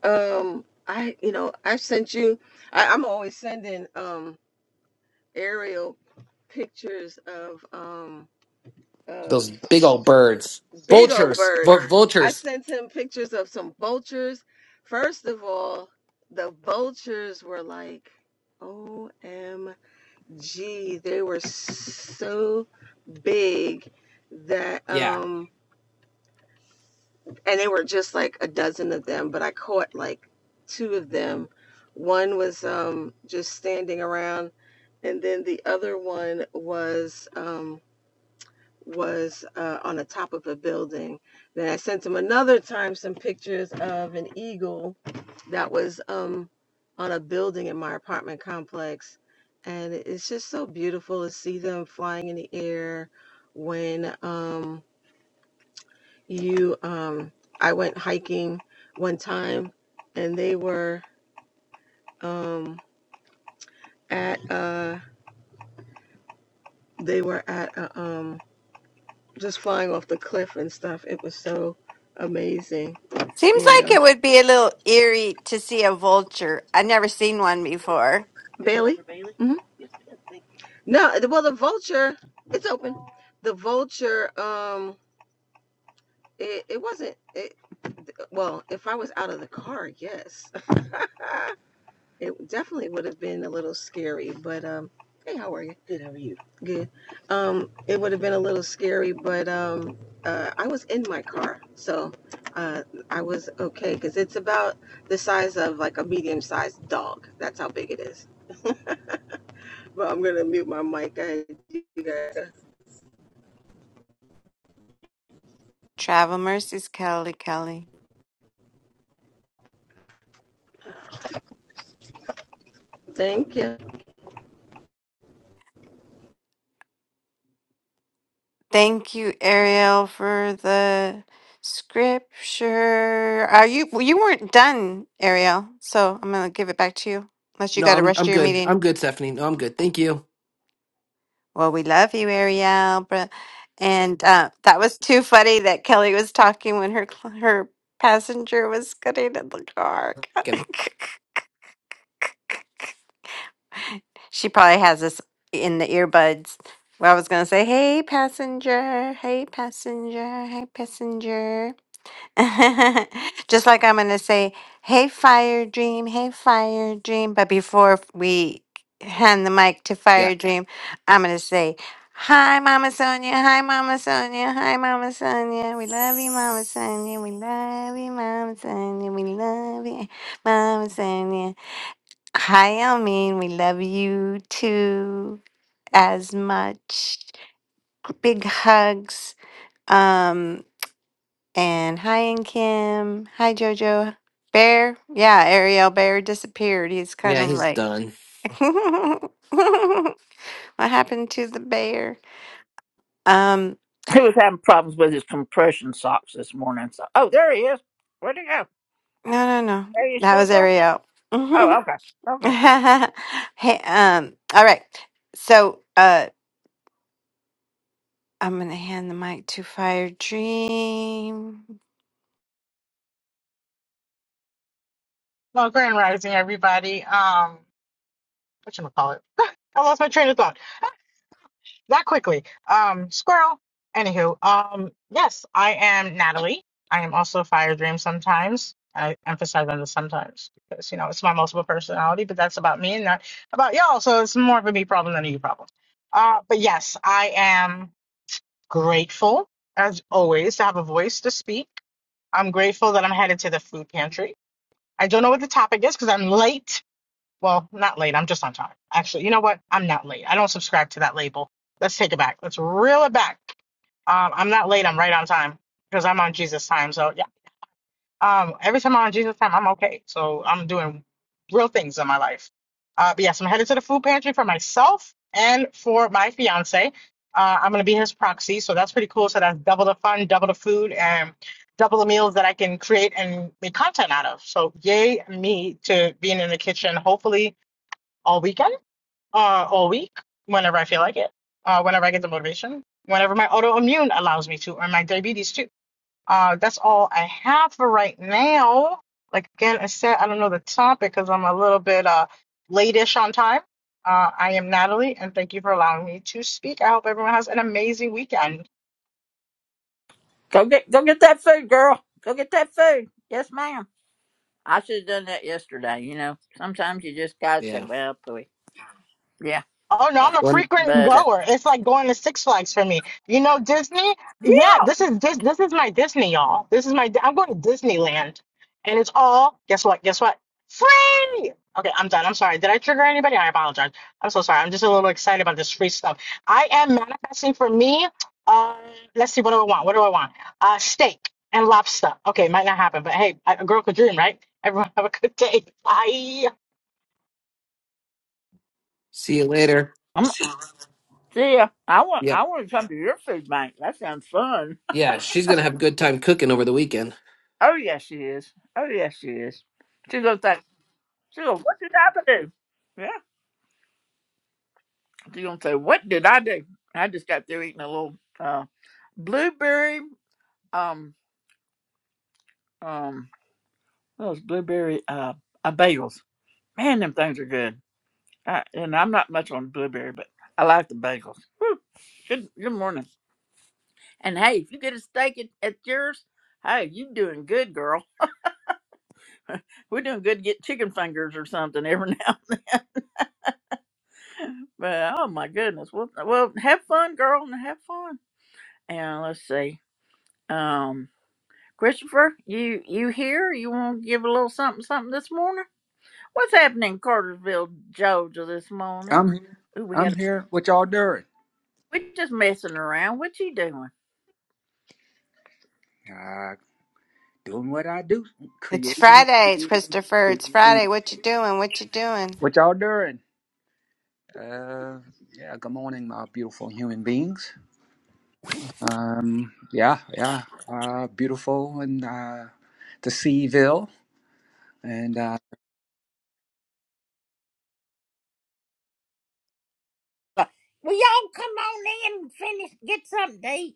um, I, you know, I sent you. I, I'm always sending um aerial pictures of um of Those big old birds, big old vultures, Vul birds. I vultures. sent him pictures of some vultures. First of all, the vultures were like, OMG, they were so big that Yeah. um and they were just like a dozen of them, but I caught like two of them. One was um just standing around and then the other one was um was uh, on the top of a building. Then I sent him another time some pictures of an eagle that was um, on a building in my apartment complex. And it's just so beautiful to see them flying in the air when um, you, um, I went hiking one time and they were um, at, uh, they were at, uh, um, just flying off the cliff and stuff. It was so amazing, Seems you like know. it would be a little eerie to see a vulture. I've never seen one before. Bailey. hmm No, well, the vulture, it's open. The vulture, um, it, it wasn't. It, well, if I was out of the car, yes, it definitely would have been a little scary. But um, hey, how are you? Good. How are you? Good. Um, it would have been a little scary, but um, uh, I was in my car, so uh, I was okay because it's about the size of like a medium-sized dog. That's how big it is. But I'm gonna mute my mic. I you guys. Travel mercies, Kelly, Kelly. Thank you. Thank you, Ariel, for the scripture. Are you well, you weren't done, Ariel? So I'm gonna give it back to you, unless you No, got to I'm rush I'm to your good. meeting. I'm good, Stephanie. No, I'm good. Thank you. Well, we love you, Ariel, but and uh, that was too funny that Kelly was talking when her cl- her passenger was getting in the car. Can- she probably has us in the earbuds. Well, I was gonna say, "Hey, passenger! Hey, passenger! Hey, passenger!" Just like I'm going to say, hey, fire dream, hey, fire dream. But before we hand the mic to Yeah. fire dream, I'm going to say, hi, Mama Sonia, hi, Mama Sonia, hi, Mama Sonia. We love you, Mama Sonia. We love you, Mama Sonia. We love you, Mama Sonia. Hi, Almeen. We love you too as much. Big hugs. Um. And hi, and Kim. Hi, Jojo. Bear. Yeah, Ariel Bear disappeared. He's kind Yeah, of he's like, done. what happened to the bear? Um, He was having problems with his compression socks this morning. So, oh, there he is. Where'd he go? no, no, no. Are you That still was there? Ariel. Oh, okay, okay. hey, um, all right. So, uh, I'm gonna hand the mic to Fire Dream. Well, Grand Rising, everybody. Um, what you call it? I lost my train of thought that quickly. Um, squirrel. Anywho, um, yes, I am Natalie. I am also Fire Dream sometimes. I emphasize on the sometimes because you know it's my multiple personality, but that's about me and not about y'all. So it's more of a me problem than a you problem. Uh, but yes, I am grateful as always to have a voice to speak. I'm grateful that I'm headed to the food pantry. I don't know what the topic is because I'm late Well, not late. I'm just on time. Actually, you know what? I'm not late. I don't subscribe to that label. Let's take it back. Let's reel it back. Um, I'm not late. I'm right on time because I'm on Jesus time. So yeah. Um, every time I'm on Jesus time, I'm okay. So I'm doing real things in my life. Uh, but yes, I'm headed to the food pantry for myself and for my fiance. Uh, I'm gonna be his proxy, so that's pretty cool. So that's double the fun, double the food, and double the meals that I can create and make content out of. So yay me to being in the kitchen. Hopefully all weekend, uh, all week, whenever I feel like it, uh, whenever I get the motivation, whenever my autoimmune allows me to, or my diabetes too. Uh, that's all I have for right now. Like again, I said, I don't know the topic because I'm a little bit uh late-ish on time. Uh, I am Natalie, and thank you for allowing me to speak. I hope everyone has an amazing weekend. Go get, go get that food, girl. Go get that food. Yes, ma'am. I should have done that yesterday. You know, sometimes you just gotta say, Yeah. "Well, pooey." Yeah, Oh no, yeah. I'm a One. frequent But uh, goer. It's like going to Six Flags for me. You know Disney? Yeah, this is this this is my Disney, y'all. This is my I'm going to Disneyland, and it's all guess what? Guess what? Free. Okay, I'm done. I'm sorry. Did I trigger anybody? I apologize. I'm so sorry. I'm just a little excited about this free stuff. I am manifesting for me. Uh, let's see. What do I want? What do I want? Uh, steak and lobster. Okay, might not happen, but hey, a a girl could dream, right? Everyone have a good day. Bye. See you later. I'm, see, ya. I want, Yep. I want to come to your food bank. That sounds fun. Yeah, she's gonna have a good time cooking over the weekend. Oh yes, she is. Oh yes, she is. She's gonna say, she's gonna, what did I do? Yeah, she's gonna say, what did I do? I just got through eating a little uh, blueberry um um those blueberry uh, uh bagels. Man, them things are good. I, and I'm not much on blueberry, but I like the bagels. Whew. Good good morning. And hey, if you get a steak at, at yours, hey, you doing good, girl. We're doing good. to Get chicken fingers or something every now and then. But oh my goodness. Well, well, have fun, girl, and have fun. And let's see. Um, Christopher, you you here? You want to give a little something something this morning? What's happening in Cartersville, Georgia this morning? I'm here. Ooh, we I'm got. here. What y'all doing? We just messing around. What you doing? Uh, doing what I do, It's creating, Friday, it's creating, Christopher. It's creating. Friday. What you doing? What you doing? What y'all doing? Uh, yeah. Good morning, my beautiful human beings. Um, yeah, yeah. Uh, beautiful and uh, the Seaville, and uh, Will y'all come on in and finish, get something to eat?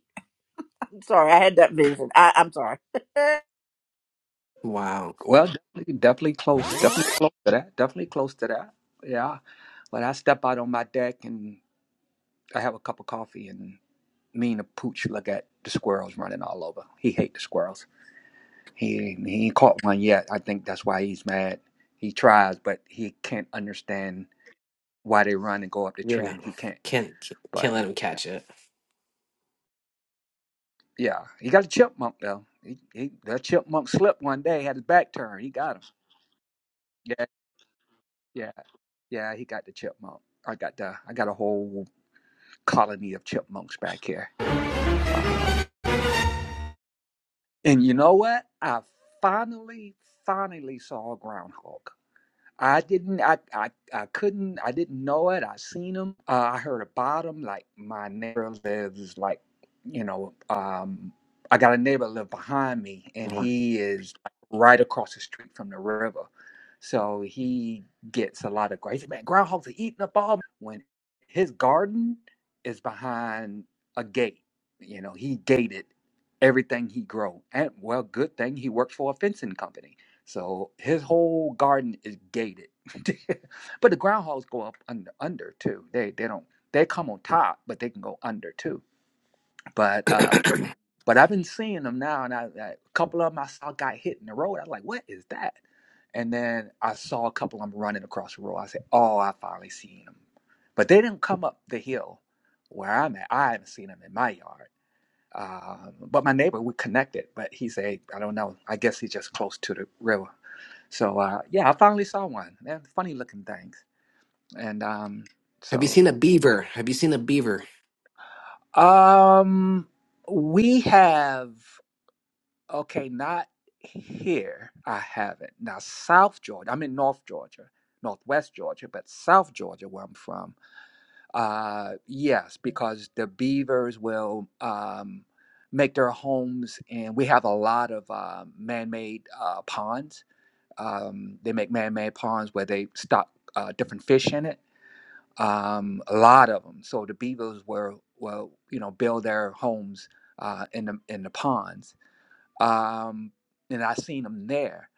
Sorry, I had that vision. I, I'm sorry. Wow. well, definitely, definitely close, definitely close to that, definitely close to that. Yeah. But I step out on my deck and I have a cup of coffee and me and the pooch look at the squirrels running all over. He hate the squirrels. He he ain't caught one yet. I think that's why he's mad. He tries, but he can't understand why they run and go up the tree, Yeah. and he can't. Can't can't But let him catch it. yeah, he got a chipmunk though. He, he that chipmunk slipped one day, had his back turned. He got him. Yeah, yeah, yeah. He got the chipmunk. I got the I got a whole colony of chipmunks back here. Um, and you know what? I finally finally saw a groundhog. I didn't. I, I I couldn't. I didn't know it. I seen them. Uh, I heard about them. Like my neighbor lives. Like you know. Um, I got a neighbor live behind me, and Mhm. he is like, right across the street from the river. So he gets a lot of grace. Man, groundhogs are eating up all when his garden is behind a gate. You know, he gated everything he grow. And well, good thing he works for a fencing company so his whole garden is gated. but the groundhogs go up under, under too. They they don't they come on top, but they can go under too. But uh but I've been seeing them now, and I, I, a couple of them I saw got hit in the road. I was like, what is that? And then I saw a couple of them running across the road. I said, oh, I finally seen them. But they didn't come up the hill where I'm at. I haven't seen them in my yard. Um, but my neighbor, we connected, but he said, I don't know. I guess he's just close to the river so uh, yeah, I finally saw one. They're funny looking things. And um, Have you so seen a beaver? Have you seen a beaver? um, we have okay, not here. I haven't now. South Georgia. I'm in North Georgia, Northwest Georgia, but South Georgia, where I'm from. Uh, yes, because the beavers will um, make their homes, and we have a lot of uh, man-made uh, ponds. Um, they make man-made ponds where they stock uh, different fish in it um, a lot of them. So the beavers were well, you know, build their homes uh, in the in the ponds, um, and I seen them there.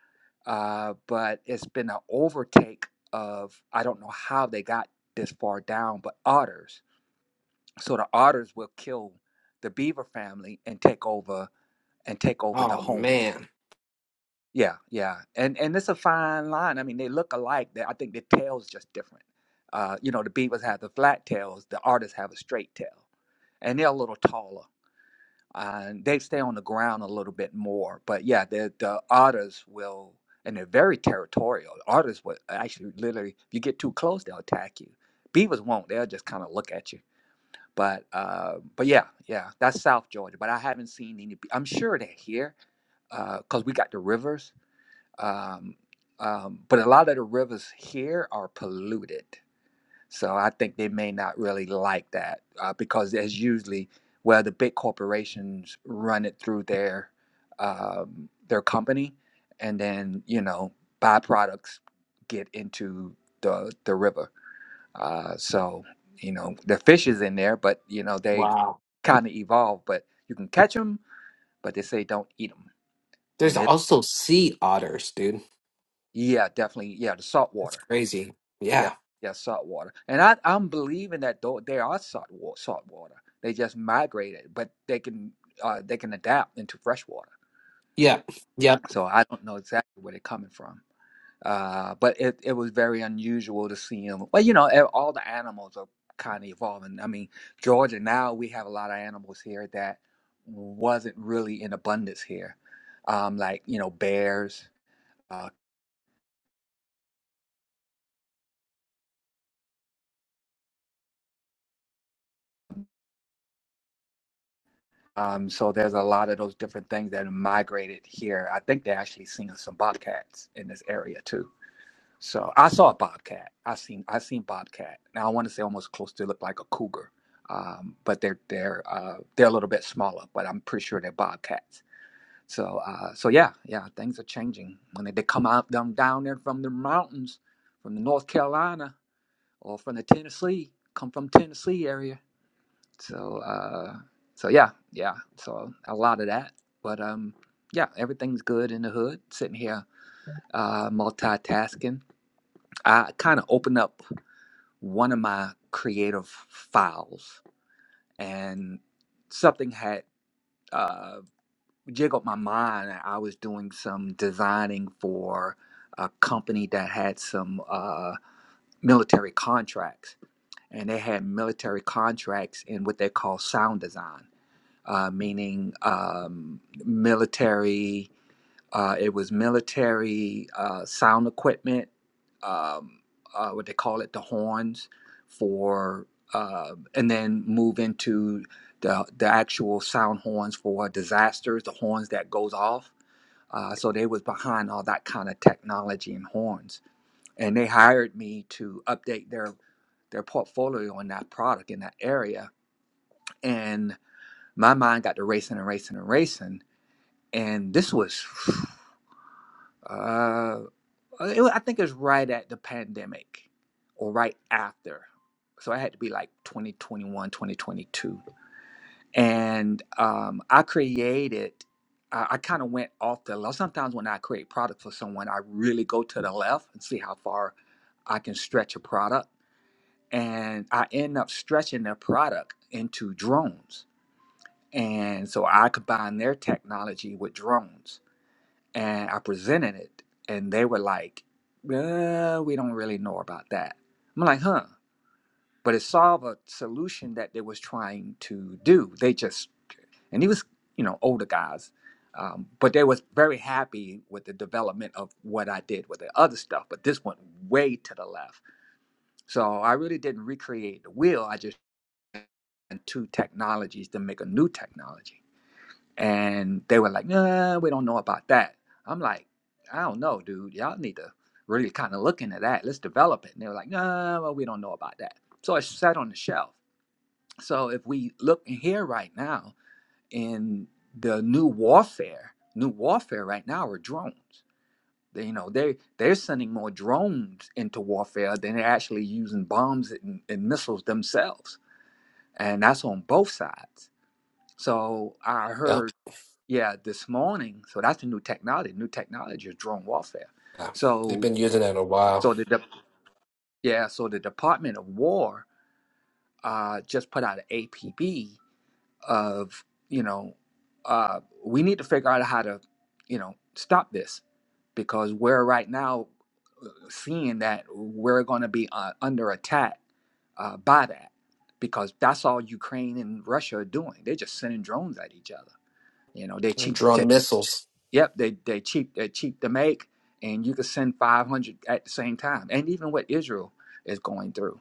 Uh, but it's been an overtake of I don't know how they got this far down, but otters. So the otters will kill the beaver family and take over and take over the Oh homes man. yeah, yeah, and and it's a fine line. I mean, they look alike. They, I think the tail's just different. Uh, you know, the Beavers have the flat tails. The artists have a straight tail, and they're a little taller. Uh, and they stay on the ground a little bit more. But yeah, the the otters will, and they're very territorial. Otters will actually literally, if you get too close, they'll attack you. Beavers won't. They'll just kind of look at you. But uh, but yeah, yeah, that's South Georgia. But I haven't seen any. I'm sure they're here because we got the rivers um, um, but a lot of the rivers here are polluted so i think they may not really like that uh, because there's usually well the big corporations run it through their um, their company and then you know byproducts get into the the river uh, so you know the fish is in there but you know they Wow. kind of evolve but you can catch them but they say don't eat them There's and it, also sea otters, dude. yeah definitely yeah the salt That's water crazy. Yeah, Yeah. yeah, salt water. And I, I'm believing that though they are salt wa- salt water. They just migrated, but they can uh, they can adapt into fresh water. Yep. Yep. So I don't know exactly where they're coming from. Uh, but it, it was very unusual to see them. Well, you know, e- all the animals are kind of evolving. I mean, Georgia now we have a lot of animals here that wasn't really in abundance here, um, like you know bears, uh, Um, so there's a lot of those different things that migrated here. I think they actually seen some bobcats in this area too. So I saw a bobcat. I seen I seen bobcat. Now I want to say almost close to look like a cougar, um, but they're they're uh, they're a little bit smaller. But I'm pretty sure they're bobcats. So uh, so yeah yeah things are changing when they, they come out them down there from the mountains, from the North Carolina or from the Tennessee, come from Tennessee area so uh so yeah, yeah. So a lot of that. But um yeah, everything's good in the hood. Sitting here uh multitasking. I kind of opened up one of my creative files and something had uh jiggled my mind. I was doing some designing for a company that had some uh military contracts and they had military contracts in what they call sound design uh, meaning um, military. Uh, it was military uh, sound equipment, um, uh, what they call it, the horns, for, uh, and then move into the the actual sound horns for disasters, the horns that goes off. Uh, so they was behind all that kind of technology and horns, and they hired me to update their their portfolio on that product in that area, and my mind got to racing and racing and racing and this was uh it, i think it was right at the pandemic or right after so i had to be like 2021, 2022. and um i created i, I kind of went off the left sometimes when i create product for someone i really go to the left and see how far i can stretch a product and i end up stretching their product into drones and so i combine their technology with drones and I presented it, and they were like, uh, "We don't really know about that." I'm like, "Huh?" But it solved a solution that they was trying to do. They just and he was, you know, older guys, um, but they was very happy with the development of what I did with the other stuff. But this went way to the left, so I really didn't recreate the wheel. I just took two technologies to make a new technology And they were like, nah, we don't know about that. I'm like, I don't know, dude. Y'all need to really kind of look into that. Let's develop it. And they were like, nah, well, we don't know about that. So it sat on the shelf. So if we look here right now in the new warfare, new warfare right now are drones. They, you know, they they're sending more drones into warfare than they're actually using bombs and, and missiles themselves. And that's on both sides. So I heard Yep. yeah, this morning. So that's the new technology. New technology is drone warfare. Yeah. They've So been using it a while. so the de- yeah, so the Department of War uh, just put out an APB of you know uh, we need to figure out how to you know stop this because we're right now seeing that we're going to be uh, under attack uh, by that because that's all Ukraine and Russia are doing. They're just sending drones at each other. You know, they cheap. Drone missiles. Yep, they they cheap they're cheap to make, and you can send five hundred at the same time. And even what Israel is going through,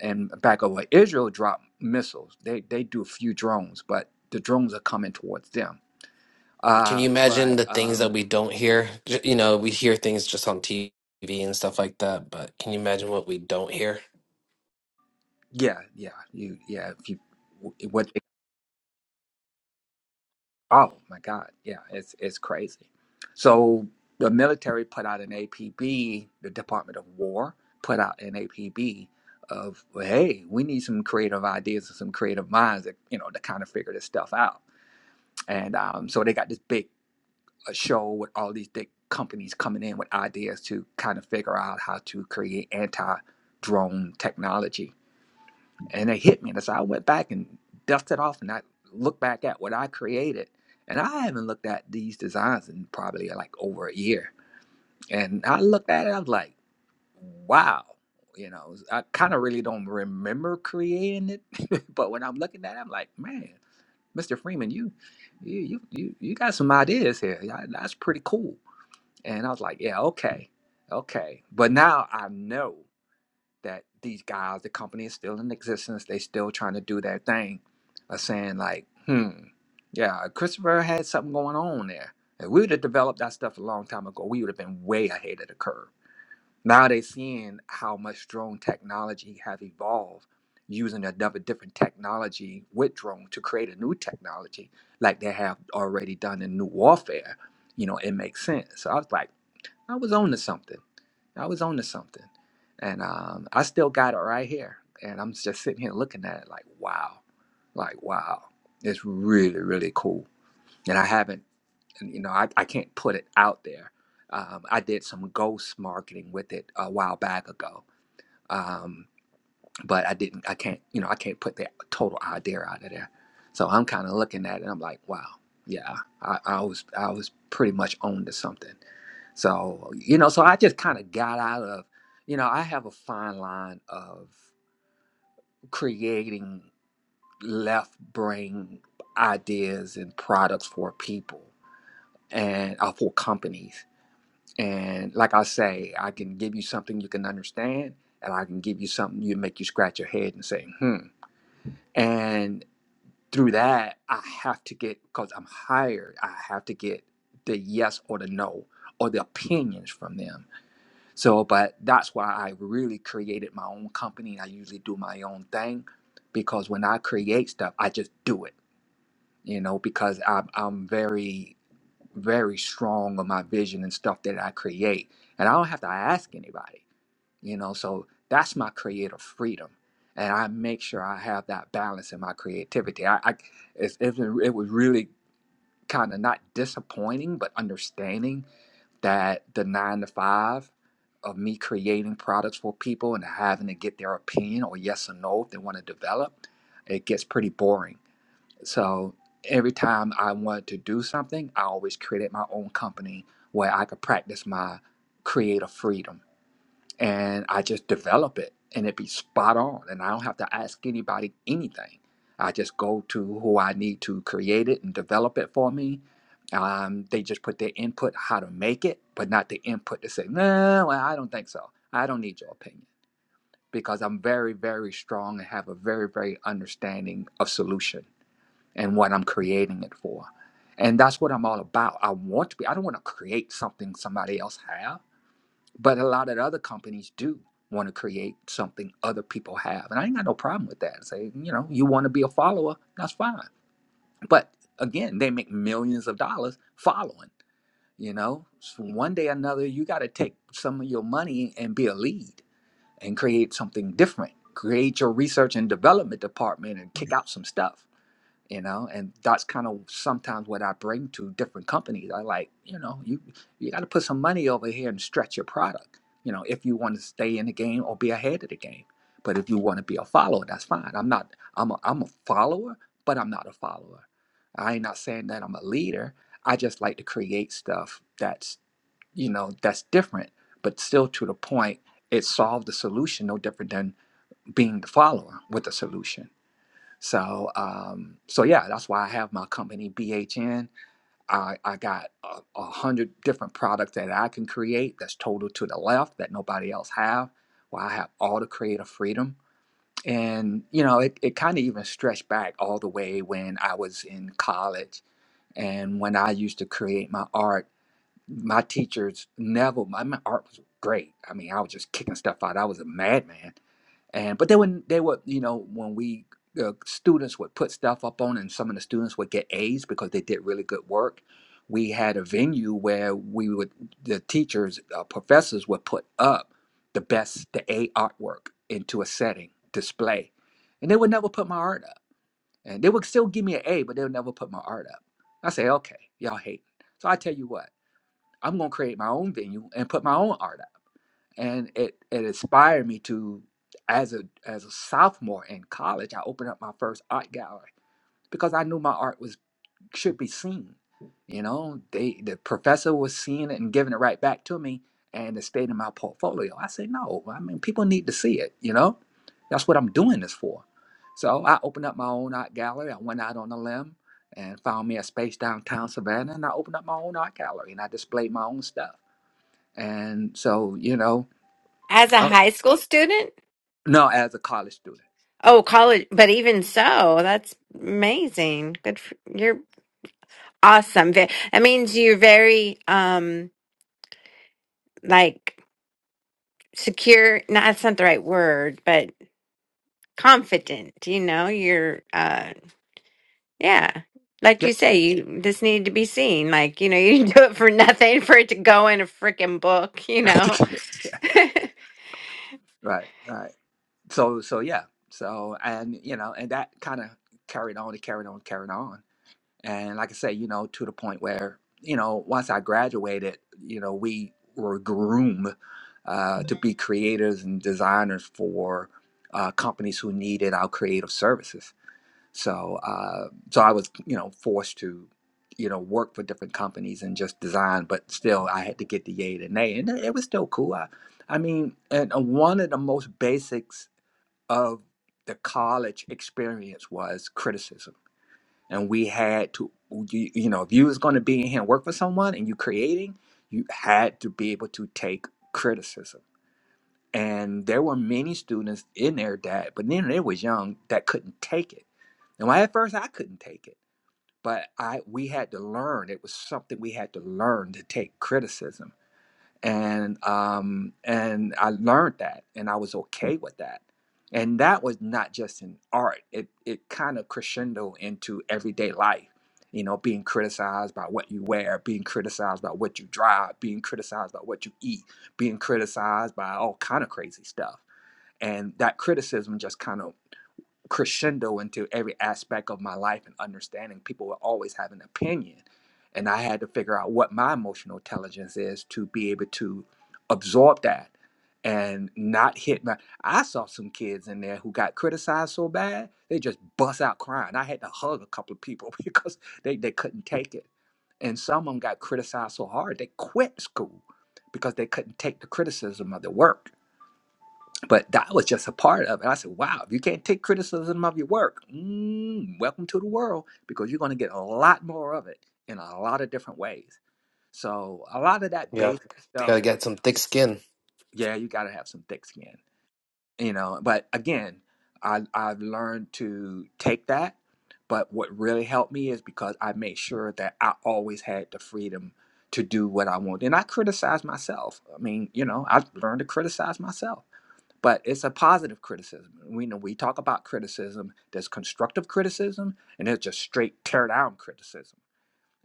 and back over Israel drop missiles. They they do a few drones, but the drones are coming towards them. Can you Uh, imagine but the things that um, we don't hear? J- You know, we hear things just on TV and stuff like that, but can you imagine what we don't hear? yeah, yeah, you yeah. If you what Oh my God, yeah, it's it's crazy. So the military put out an APB. The Department of War put out an APB of well, hey, we need some creative ideas and some creative minds that you know to kind of figure this stuff out. And um, so they got this big uh, show with all these big companies coming in with ideas to kind of figure out how to create anti drone technology and it hit me. And so I went back and dusted off and I looked back at what I created. And I haven't looked at these designs in probably like over a year. And I looked at it, I was like, wow. You know, I kind of really don't remember creating it, but when I'm looking at it, I'm like, man, Mr. Freeman, you, you, you, you, you got some ideas here. Yeah, That's pretty cool. And I was like, yeah, okay, okay. But now I know that these guys, the company is still in existence. They still trying to do their thing. Are saying like, hmm, yeah, Christopher had something going on there. If we would have developed that stuff a long time ago, we would have been way ahead of the curve. Now they're seeing how much drone technology has evolved using another different technology with drone to create a new technology like they have already done in new warfare. You know, it makes sense. So I was like, I was on to something. I was on to something. And um, I still got it right here. And I'm just sitting here looking at it like, wow, like, wow, it's really, really cool. And I haven't, and, you know, I, I can't put it out there. Um, I did some ghost marketing with it a while back ago. Um, but I didn't. I can't. You know, I can't put that total idea out of there. So I'm kind of looking at it. and I'm like, wow, yeah, I, I was I was pretty much on to something. So you know, so I just kind of got out of. You know, I have a fine line of creating left brain ideas and products for people and uh, for companies. And like I say, I can give you something you can understand, and I can give you something you make you scratch your head and say, hmm. And through that, I have to get because I'm hired. I have to get the yes or the no or the opinions from them. So, but that's why I really created my own company. I usually do my own thing because when I create stuff, I just do it. You know, because I'm I'm very very strong on my vision and stuff that I create, and I don't have to ask anybody you know so that's my creative freedom and i make sure i have that balance in my creativity i, I it's, it's been- it was really kind of not disappointing but understanding that the nine to five of me creating products for people and having to get their opinion or yes or no if they want to develop it gets pretty boring so every time i wanted to do something i always created my own company where i could practice my creative freedom and I just develop it and it be spot on and I don't have to ask anybody anything. I just go to who I need to create it and develop it for me. Um, they just put their input how to make it, but not the input to say, no, well, I don't think so. I don't need your opinion because I'm very, very strong and have a very, very understanding of solution and what I'm creating it for. And that's what I'm all about. I want to be, I don't want to create something somebody else have. But a lot of other companies do want to create something other people have. And I ain't got no problem with that. Say, you know, you want to be a follower, that's fine. But again, they make millions of dollars following, you know. So one day or another, you got to take some of your money and be a lead and create something different. Create your research and development department and kick out some stuff you know and that's kind of sometimes what i bring to different companies i like you know you you got to put some money over here and stretch your product you know if you want to stay in the game or be ahead of the game but if you want to be a follower that's fine i'm not i'm a, I'm a follower but i'm not a follower i ain't not saying that i'm a leader i just like to create stuff that's you know that's different but still to the point it solved the solution no different than being the follower with the solution so, um, so yeah, that's why I have my company BHN. I, I got a, a hundred different products that I can create that's total to the left that nobody else have. Where I have all the creative freedom, and you know, it, it kind of even stretched back all the way when I was in college and when I used to create my art. My teachers never. My, my art was great. I mean, I was just kicking stuff out. I was a madman and but they would they would you know when we the students would put stuff up on and some of the students would get A's because they did really good work. We had a venue where we would the teachers uh, professors would put up the best the A artwork into a setting display, and they would never put my art up, and they would still give me an A, but they would never put my art up. I say okay, y'all hate. So I tell you what, I'm gonna create my own venue and put my own art up and it it inspired me to as a as a sophomore in college i opened up my first art gallery because i knew my art was should be seen you know they the professor was seeing it and giving it right back to me and it stayed in my portfolio i say no i mean people need to see it you know that's what i'm doing this for so i opened up my own art gallery i went out on a limb and found me a space downtown savannah and i opened up my own art gallery and i displayed my own stuff and so you know As a high school student? No, as a college student. Oh, college, but even so, that's amazing. Good for, you're awesome. Ve- That means you're very um like secure, no, that's not the right word, but confident, you know, you're uh yeah. Like Yeah. you say, you this needed to be seen. Like, you know, you didn't do it for nothing for it to go in a freaking book, you know. right. Right. So so yeah. So and you know, and that kind of carried on and carried on, and carried on. And like I say, you know, to the point where, you know, once I graduated, you know, we were groomed uh, to be creators and designers for uh, companies who needed our creative services. So, uh, so I was, you know, forced to, you know, work for different companies and just design, but still I had to get the yay and nay, and it was still cool. I, I mean, and uh, one of the most basics of the college experience was criticism, and we had to, you, you know, if you was going to be in here and work for someone and you creating, you had to be able to take criticism. And there were many students in there that, but then they was young that couldn't take it. And at first I couldn't take it but I we had to learn. It was something we had to learn to take criticism, and um, and I learned that, and I was okay with that. And that was not just in art; it it kind of crescendo into everyday life. You know, being criticized by what you wear, being criticized by what you drive, being criticized by what you eat, being criticized by all kind of crazy stuff. And that criticism just kind of crescendo into every aspect of my life and understanding people will always have an opinion and i had to figure out what my emotional intelligence is to be able to absorb that and not hit my i saw some kids in there who got criticized so bad they just bust out crying i had to hug a couple of people because they, they couldn't take it and some of them got criticized so hard they quit school because they couldn't take the criticism of their work but that was just a part of it. I said, wow, if you can't take criticism of your work, mm, welcome to the world because you're going to get a lot more of it in a lot of different ways. So, a lot of that Yeah, basic gotta stuff, get some thick skin. yeah, you got to have some thick skin, you know. But again, I, I've learned to take that. But what really helped me is because I made sure that I always had the freedom to do what I want. And I criticize myself. I mean, you know, I learned to criticize myself but it's a positive criticism. We know we talk about criticism. There's constructive criticism, and there's just straight tear down criticism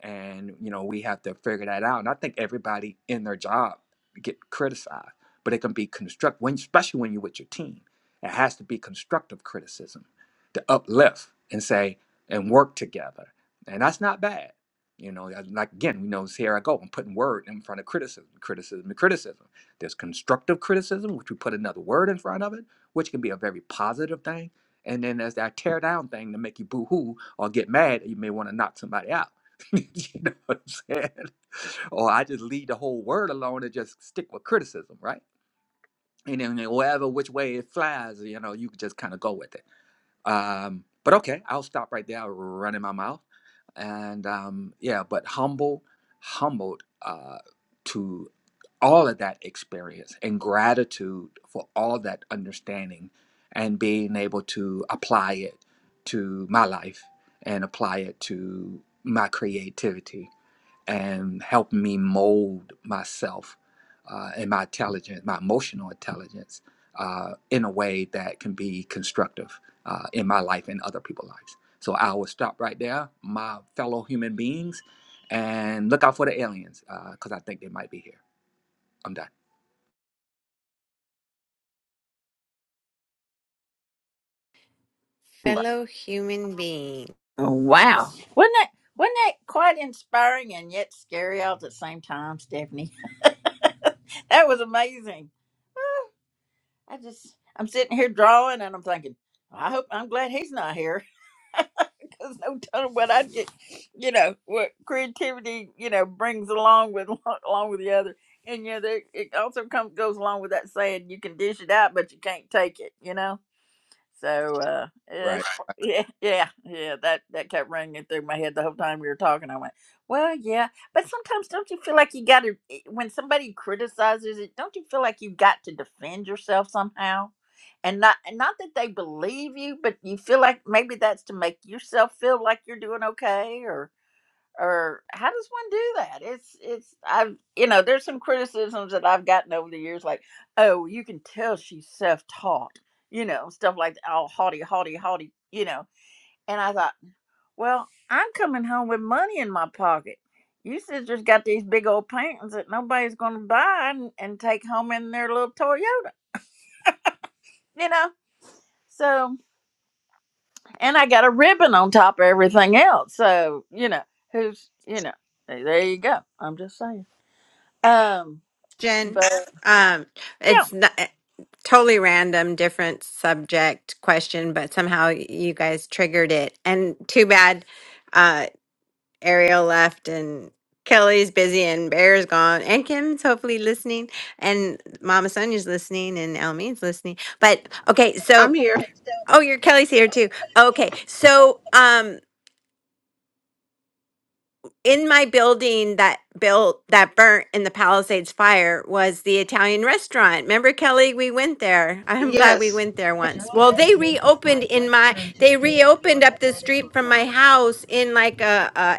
and you know we have to figure that out. And I think everybody in their job get criticized, but it can be constructive, when, especially when you're with your team. It has to be constructive criticism to uplift and say and work together, and that's not bad. You know, like again, we know here I go. I'm putting word in front of criticism, criticism, and criticism. There's constructive criticism, which we put another word in front of it, which can be a very positive thing. And then there's that tear down thing to make you boo hoo or get mad. You may want to knock somebody out you know what I'm saying? Or I just leave the whole word alone and just stick with criticism, right? And then whatever which way it flies, you know, you can just kind of go with it. Um, but okay, I'll stop right there. I'll run in my mouth, and um, yeah, but humble, humbled uh, to all of that experience and gratitude for all that understanding and being able to apply it to my life and apply it to my creativity and help me mold myself uh, and my intelligence, my emotional intelligence, uh, in a way that can be constructive uh, in my life and other people's lives. So I will stop right there, my fellow human beings, and look out for the aliens because I think they might be here. I'm done. Fellow human being. Oh, wow. Wasn't that wasn't that quite inspiring and yet scary all at the same time, Stephanie? that was amazing. I just I'm sitting here drawing and I'm thinking, I hope I'm glad he's not here. Because no telling what I'd get you know, what creativity, you know, brings along with along with the other. And yeah, there, it also comes goes along with that saying you can dish it out but you can't take it, you know? So uh, yeah, it's Right. Right. yeah, yeah, yeah. That that kept ringing through my head the whole time we were talking. I went, well, yeah, but sometimes don't you feel like you got to when somebody criticizes it? Don't you feel like you've got to defend yourself somehow? And not and not that they believe you, but you feel like maybe that's to make yourself feel like you're doing okay, or how does one do that it's it's i've you know there's some criticisms that i've gotten over the years like oh you can tell she's self-taught you know stuff like that, all haughty haughty haughty you know and i thought well i'm coming home with money in my pocket you sisters got these big old paintings that nobody's going to buy and, and take home in their little toyota you know so and i got a ribbon on top of everything else so you know who's you know there you go i'm just saying um Jen, But um, yeah, it's not, totally random, different subject question, but somehow you guys triggered it. And too bad uh, Ariel left and Kelly's busy and Bear's gone and Kim's hopefully listening and Mama Sonia's listening and Elmine's listening. But okay, I'm so here. oh, your Kelly's here too. Okay, so um. in my building that built that burnt in the Palisades fire was the Italian restaurant. Remember, Kelly, we went there. I'm glad we Yes. went there Just once. Well, ahead, they make a reopened slight in left my turn to they stay on reopened up Moorhead the Medical street from my Drive. house in like a, a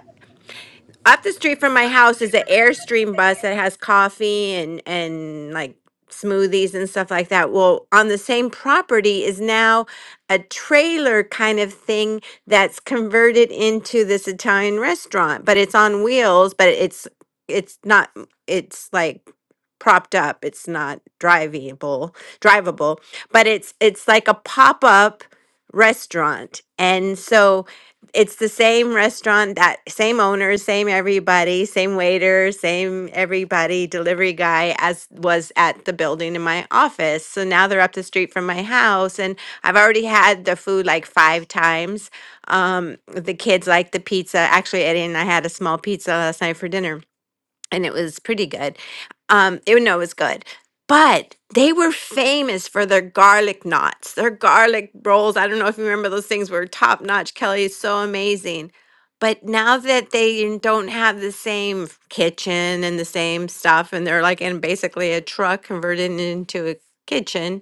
up the street from my house is an Airstream bus that has coffee and and like smoothies and stuff like that. Well, on the same property is now a trailer kind of thing that's converted into this Italian restaurant, but it's on wheels, but it's it's not it's like propped up. It's not drivable, drivable, but it's it's like a pop-up restaurant. And so it's the same restaurant, that same owner, same everybody, same waiter, same everybody, delivery guy as was at the building in my office. So now they're up the street from my house and I've already had the food like five times. Um, the kids like the pizza. Actually, Eddie and I had a small pizza last night for dinner and it was pretty good. Um, it, no, it was good. But they were famous for their garlic knots, their garlic rolls. I don't know if you remember those things were top notch. Kelly is so amazing. But now that they don't have the same kitchen and the same stuff, and they're like in basically a truck converted into a kitchen,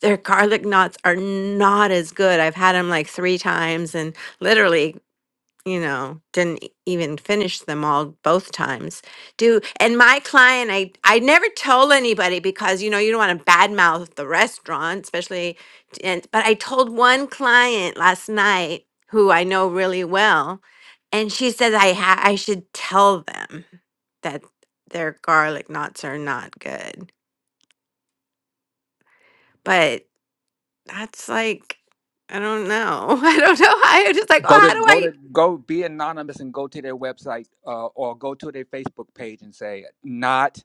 their garlic knots are not as good. I've had them like three times and literally you know didn't e- even finish them all both times do and my client i i never told anybody because you know you don't want to badmouth the restaurant especially and but i told one client last night who i know really well and she says i ha- i should tell them that their garlic knots are not good but that's like i don't know i don't know i was just like oh Go to how do go to i go be anonymous and go to their website uh, or go to their Facebook page and say not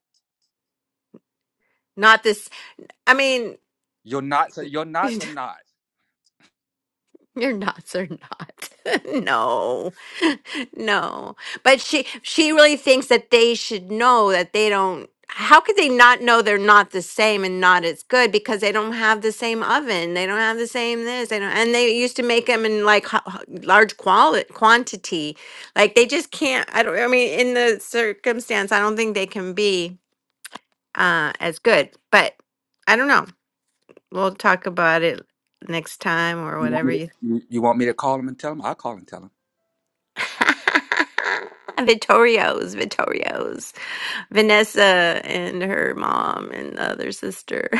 not this i mean your knots are your knots are not. Your knots are not. no. No. But she she really thinks that they should know that they don't how could they not know they're not the same and not as good because they don't have the same oven. They don't have the same this. They don't and they used to make them in like ho- ho- large quali- quantity. Like they just can't I don't I mean in the circumstance I don't think they can be uh as good. But I don't know. We'll talk about it next time or You want whatever me to you you, you want me to call them and tell them? I'll call and tell them. Vittorio's, Vittorio's. Vanessa and her mom and the other sister.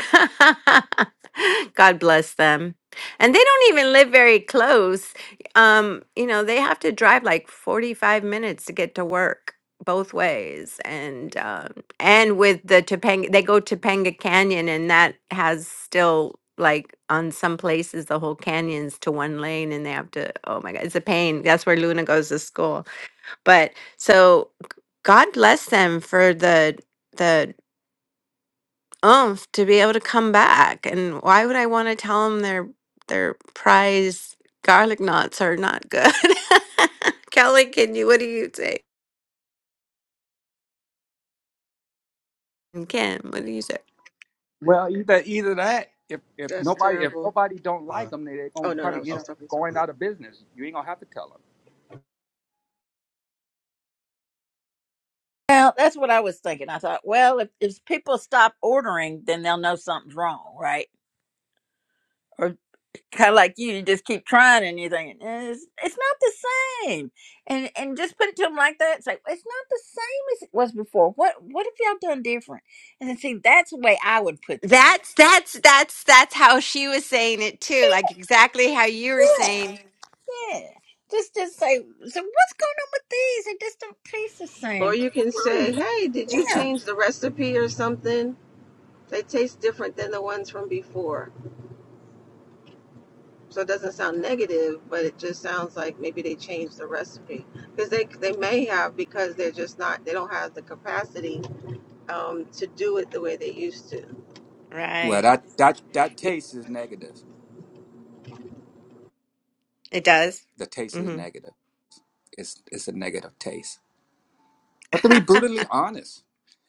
God bless them. And they don't even live very close. Um, you know, they have to drive like 45 minutes to get to work both ways and um and with the Topanga they go Topanga Canyon and that has still like on some places the whole canyon's to one lane and they have to oh my god it's a pain that's where Luna goes to school but so God bless them for the the oomph to be able to come back. And why would I want to tell them their their prize garlic knots are not good? Kelly, can you? What do you say? And Kim, what do you say? Well, either either that, if if That's nobody if terrible. nobody don't Uh, like them, they they gonna oh no, no, I probably was end just up talking to. someone. going out of business. You ain't gonna have to tell them. well, that's what I was thinking. I thought, well, if, if people stop ordering, then they'll know something's wrong, right? Or kind of like you, you just keep trying and you're thinking "Eh, it's, it's not the same, and and just put it to them like that. It's like it's not the same as it was before. What what have y'all done different? And then see, that's the way I would put that. That's that's that's that's how she was saying it too, like exactly how you were Yeah, saying. yeah. Just just say so. What's going on with these? They just don't taste the Or same. you can say, "Hey, did you change the recipe or something? They taste different than the ones from before." So it doesn't sound negative, but it just sounds like maybe they changed the recipe because they they may have because they're just not they don't have the capacity um, to do it the way they used to. Well, Right. that that that Y- taste is negative. It does. The taste is hmm negative. It's it's a negative taste. But to be brutally honest,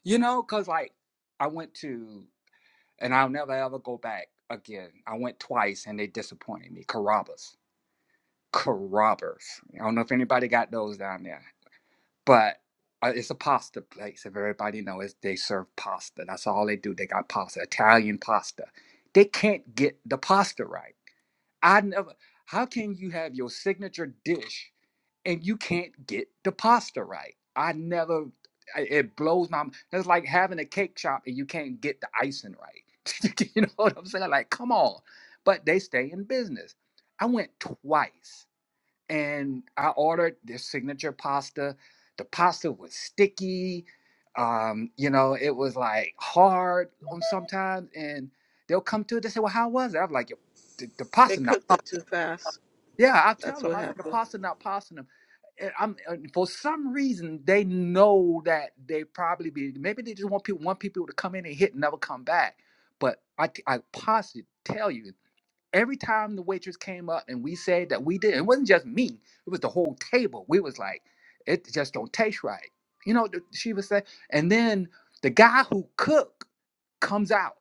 You know, cause like I went to, and I'll never ever go back again. I went twice, and they disappointed me. Carrabba's, Carrabba's. I don't know if anybody got those down there. but uh, it's a pasta place. If everybody knows, they serve pasta. That's all they do. They got pasta, Italian pasta. They can't get the pasta right. I never. How can you have your signature dish and you can't get the pasta right? I never. It blows my. It's like having a cake shop and you can't get the icing right. you know what I'm saying? Like, come on. But they stay in business. I went twice and I ordered their signature pasta. The pasta was sticky. Um, you know, it was like hard on sometimes, and they'll come to it. They say, "Well, how was it?" I'm like, "The, the They pasta not." cooked it too fast. Yeah, I tell That's them. what I said the happened. pasta not passing them. And I'm and for some reason they know that they probably be maybe they just want people want people to come in and hit and never come back. But I I possibly tell you every time the waitress came up and we said that we did, it wasn't just me. It was the whole table. We was like, it just don't taste right. You know, th- she was saying. And then the guy who cooked comes out.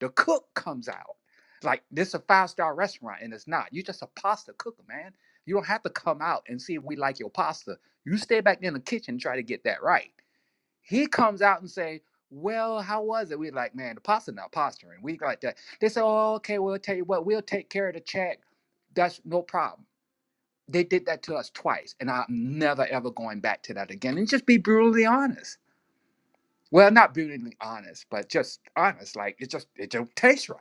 The cook comes out. Like this is a five star restaurant and it's not. You're just a pasta cooker, man. You don't have to come out and see if we like your pasta. You stay back in the kitchen and try to get that right he comes out and say, "Well, how was it?" We like, man, the pastor not posturing. We like that. They say, "Oh, okay, we'll tell you what, we'll take care of the check. That's no problem." They did that to us twice, and I'm never ever going back to that again. And just be brutally honest. Well, not brutally honest, but just honest. Like it just it don't taste right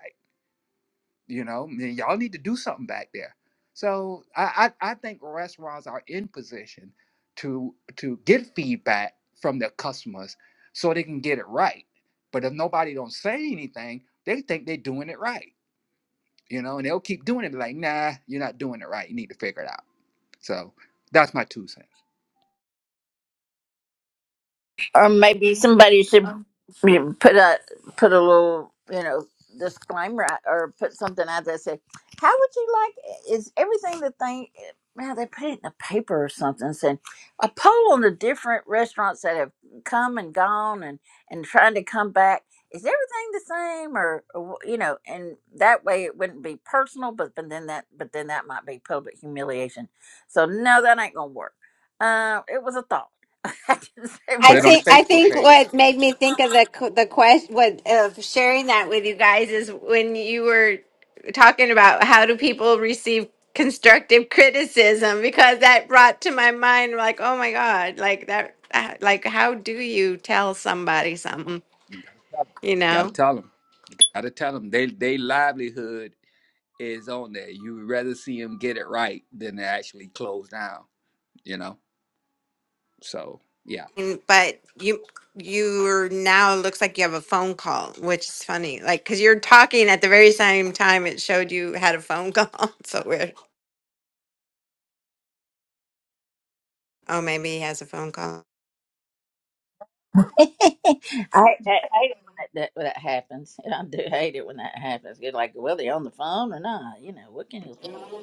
you know man, y'all need to do something back there so I, I i think restaurants are in position to to get feedback from their customers so they can get it right but if nobody don't say anything they think they're doing it right you know and they'll keep doing it be like nah you're not doing it right you need to figure it out so that's my two cents or maybe somebody should you know, put a put a little you know disclaimer out, or put something out there that say how would you like is everything the thing now they put it in the paper or something saying a poll on the different restaurants that have come and gone and and trying to come back is everything the same or, or wh- you know and that way it wouldn't be personal but, but then that but then that might be public humiliation so no that ain't gonna work uh, it was a thought I didn't say put I much it on the think I facebook think page what made me think of the q- the question what of sharing that with you guys is when you were talking about how do people receive constructive criticism because that brought to my mind like oh my god like that uh, like how do you tell somebody something Got you to know tell them. Got to tell them. They they livelihood is on there. You would rather see them get it right than to actually close down. You know. So yeah. And- but you you're now looks like you have a phone call which is funny like because you're talking at the very same time it showed you had a phone call so weird oh maybe he has a phone call I, I hate it when that, that, when that happens. I do hate it when that happens. you like, well, they on the phone or not. You know, what can you do?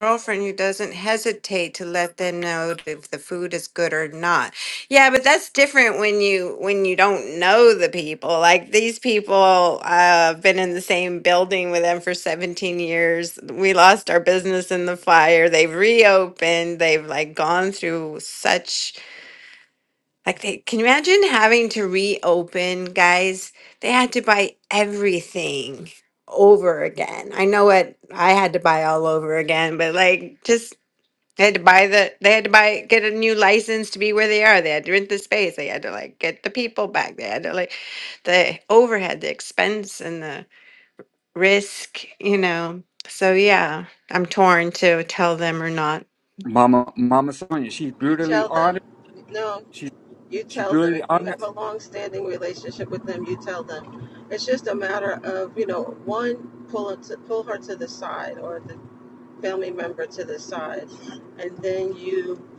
girlfriend who doesn't hesitate to let them know if the food is good or not. Yeah, but that's different when you when you don't know the people. Like these people uh been in the same building with them for 17 years. We lost our business in the fire. They've reopened. They've like gone through such like they can you imagine having to reopen, guys? They had to buy everything over again. I know what I had to buy all over again, but like just they had to buy the they had to buy get a new license to be where they are. They had to rent the space. They had to like get the people back. They had to like the overhead, the expense and the risk, you know. So yeah, I'm torn to tell them or not. Mama Mama Sonia, she's You brutally tell them, honest. no, She's you she tell them. brutally If you honest. have a long standing relationship with them, you tell them. It's just a matter of, you know, one, pull, her to, pull her to the side or the family member to the side. And then you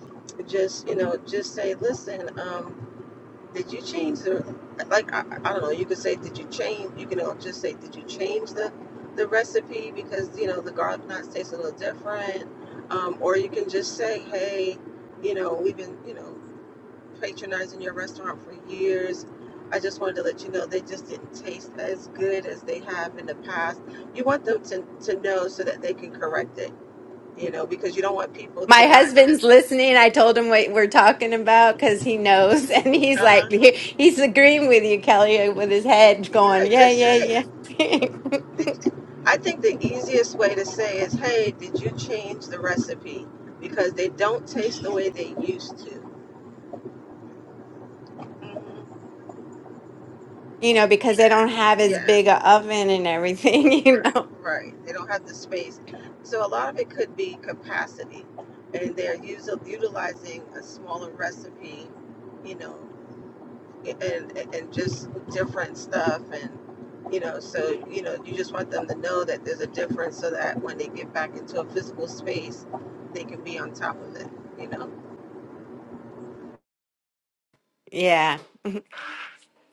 just, you know, just say, listen, um, Did you change the like I, I don't know, you could say did you change you can just say did you change the the recipe because you know the garlic knots taste a little different. Um, or you can just say, Hey, you know, we've been, you know, patronizing your restaurant for years. I just wanted to let you know they just didn't taste as good as they have in the past. You want them to, to know so that they can correct it, you know, because you don't want people to My not husband's listening. I told him what we're talking about because he knows, and he's uh like, huh. he- he's agreeing with you, Kelly, with his head Yeah, going, yeah, just yeah, say. yeah. I think the easiest way to say is, hey, did you change the recipe? Because they don't taste the way they used to. Mhm. you know, because they don't have as Yeah, big a oven and everything, you know. right. They don't have the space. So a lot of it could be capacity. And they're using, utilizing a smaller recipe, you know, and, and and just different stuff. And, you know, so, you know, you just want them to know that there's a difference so that when they get back into a physical space, they can be on top of it, you know? Yeah.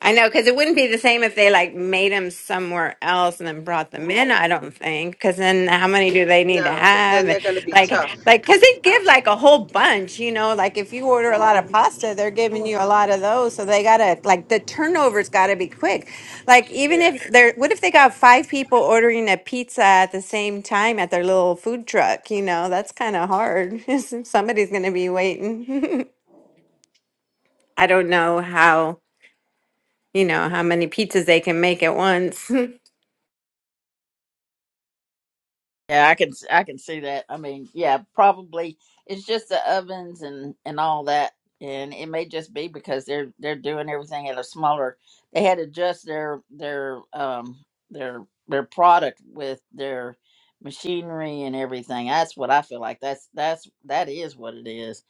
I know because it wouldn't be the same if they like made them somewhere else and then brought them in. I don't think because then how many do they need to No, because have? then And, they're gonna be like, tough. like because they give like a whole bunch. You know, like if you order a lot hmm of pasta, they're giving you a lot of those. So they gotta like the turnover's got to be quick. Like even Yeah, if they're what if they got five people ordering a pizza at the same time at their little food truck? You know, that's kind of hard. Somebody's gonna be waiting. I don't know how you know, how many pizzas they can make at once. Yeah, I can I can see that. I mean, yeah, probably it's just the ovens and and all that, and it may just be because they're they're doing everything at a smaller. They had to adjust their their um their their product with their machinery and everything. That's what I feel like. That's that's that is what it is.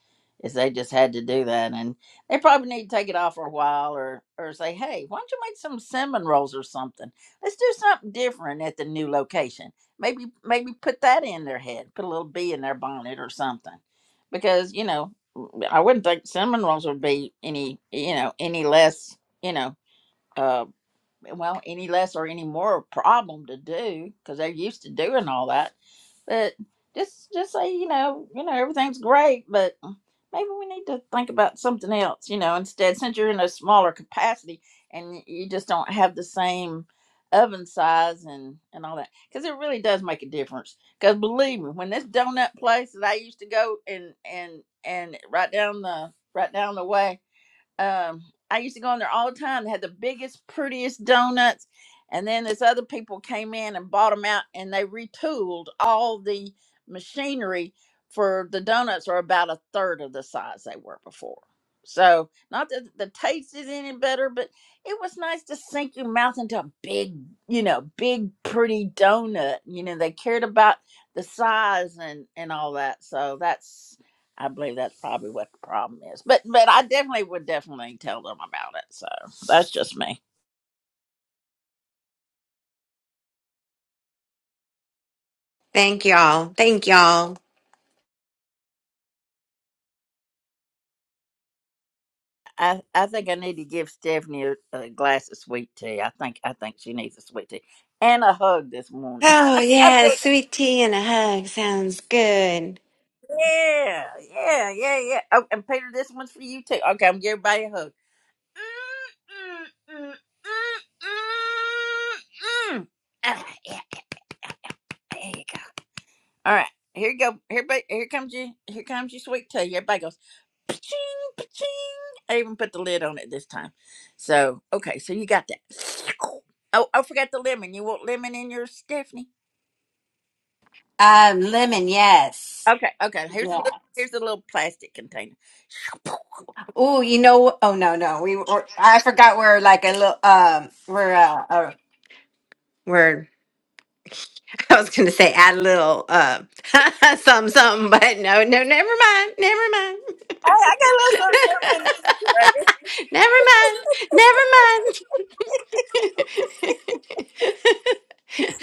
Is they just had to do that, and they probably need to take it off for a while, or or say, hey, why don't you make some cinnamon rolls or something? Let's do something different at the new location maybe maybe put that in their head put a little bee in their bonnet or something because you know i wouldn't think cinnamon rolls would be any you know any less you know uh well any less or any more problem to do because they're used to doing all that but just just say you know you know everything's great but maybe we need to think about something else you know instead since you're in a smaller capacity and you just don't have the same oven size and and all that because it really does make a difference because believe me when this donut place that i used to go and and and right down the right down the way um I used to go in there all the time. They had the biggest, prettiest donuts. And then this other people came in and bought them out and they retooled all the machinery for the donuts are about a third of the size they were before. So not that the taste is any better, but it was nice to sink your mouth into a big, you know, big pretty donut. You know, they cared about the size and and all that. So that's I believe that's probably what the problem is. But but I definitely would definitely tell them about it. So that's just me. Thank y'all. Thank y'all. I, I think I need to give Stephanie a, a glass of sweet tea. I think I think she needs a sweet tea and a hug this morning. Oh, I feel yeah, like, sweet tea and a hug sounds good. yeah yeah yeah yeah. Oh, and Peter, this one's for you too. Okay, I'm giving everybody a hug. Ah, yeah, there you go. All right, here you go. Here, ba- here comes you. Here comes your sweet tea. Everybody goes. Paching, paching. I even put the lid on it this time. So, okay, so you got that. Oh, I forgot the lemon. You want lemon in yours, Stephanie? Um, lemon, yes. Okay, okay. Here's a Yeah. little, here's a little plastic container. Oh, you know, wh- oh no, no, we were, I forgot we're like a little, um, we're, uh, uh we're, I was gonna say add a little, uh, something, something, but no, no, never mind, never mind, I, I got a little something in the refrigerator. never mind, never mind.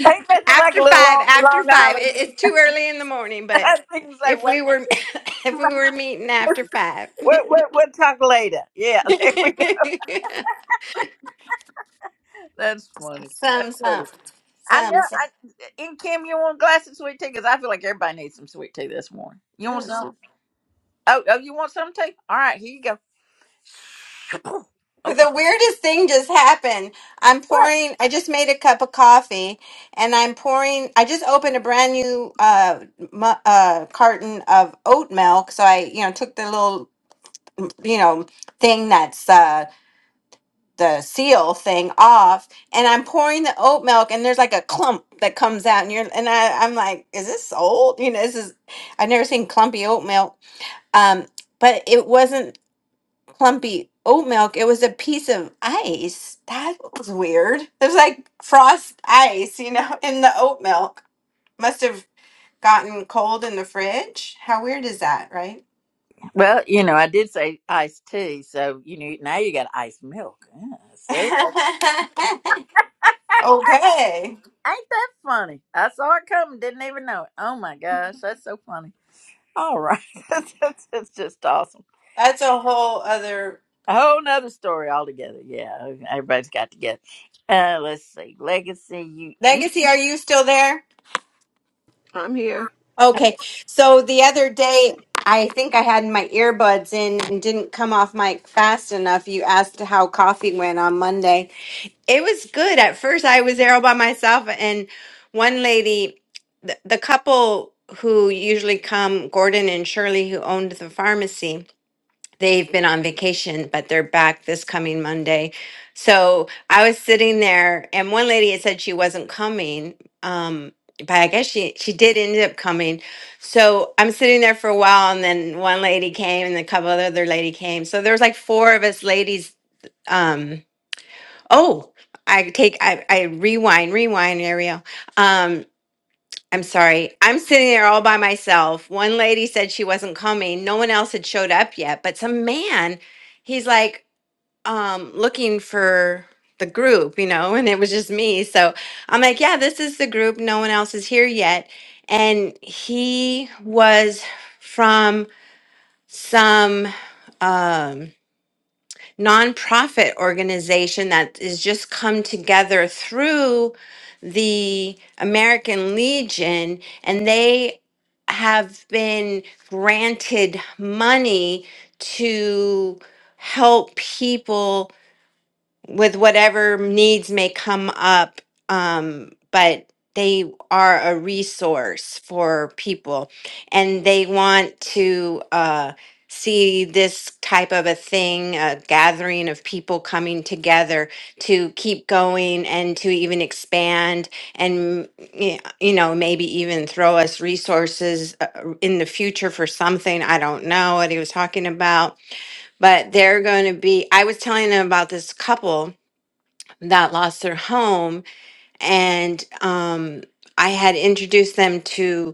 Ain't nothing like after a little five long, after long five island. it, it's too early in the morning I but think it's like, if what, we were if we were meeting after five what, what, what talk later? Yeah, there we go. That's funny. That's some some funny. I know. some some I, and Kim, you want a glass of sweet tea? Because I feel like everybody needs some sweet tea this morning. You want mm, some? some. Oh, oh, you want some tea? All right, here you go. but Okay. the weirdest thing just happened i'm What? pouring i just made a cup of coffee and i'm pouring i just opened a brand new uh, mu- uh carton of oat milk so i you know took the little you know thing that's uh the seal thing off and I'm pouring the oat milk and there's like a clump that comes out and you're and I, I'm like, is this old? You know, this is I've never seen clumpy oat milk. Um, but it wasn't clumpy oat milk, it was a piece of ice. That was weird. It was like frost ice, you know, in the oat milk. Must have gotten cold in the fridge. How weird is that, right? Well, you know, I did say iced tea, so you know now you got iced milk. Yeah, see, ain't okay. that funny? I saw it coming, didn't even know it. Oh my gosh, that's so funny. All right, that's, that's, that's just awesome. That's a whole other A whole nother story altogether. Yeah, everybody's got together. Uh, let's see, legacy. You, you. Legacy, are you still there? I'm here. Okay. So the other day, I think I had my earbuds in and didn't come off mic fast enough. You asked how coffee went on Monday. It was good. At first, I was there all by myself, and one lady, the, the couple who usually come, Gordon and Shirley, who owned the pharmacy, they've been on vacation, but they're back this coming Monday. So I was sitting there, and one lady had said she wasn't coming. Um, but I guess she she did end up coming. So I'm sitting there for a while, and then one lady came, and a couple of other lady came. So there was like four of us ladies. Um, oh, I take I, I rewind, rewind, Ariel. Um, I'm sorry. I'm sitting there all by myself. One lady said she wasn't coming. No one else had showed up yet, but some man, he's like um looking for the group, you know, and it was just me. So I'm like, yeah, this is the group. No one else is here yet. And he was from some um nonprofit organization that has just come together through the American Legion, and they have been granted money to help people with whatever needs may come up um but they are a resource for people and they want to uh see this type of a thing a gathering of people coming together to keep going and to even expand and y- you know maybe even throw us resources uh, in the future for something i don't know what he was talking about but they're going to be i was telling them about this couple that lost their home, and um, I had introduced them to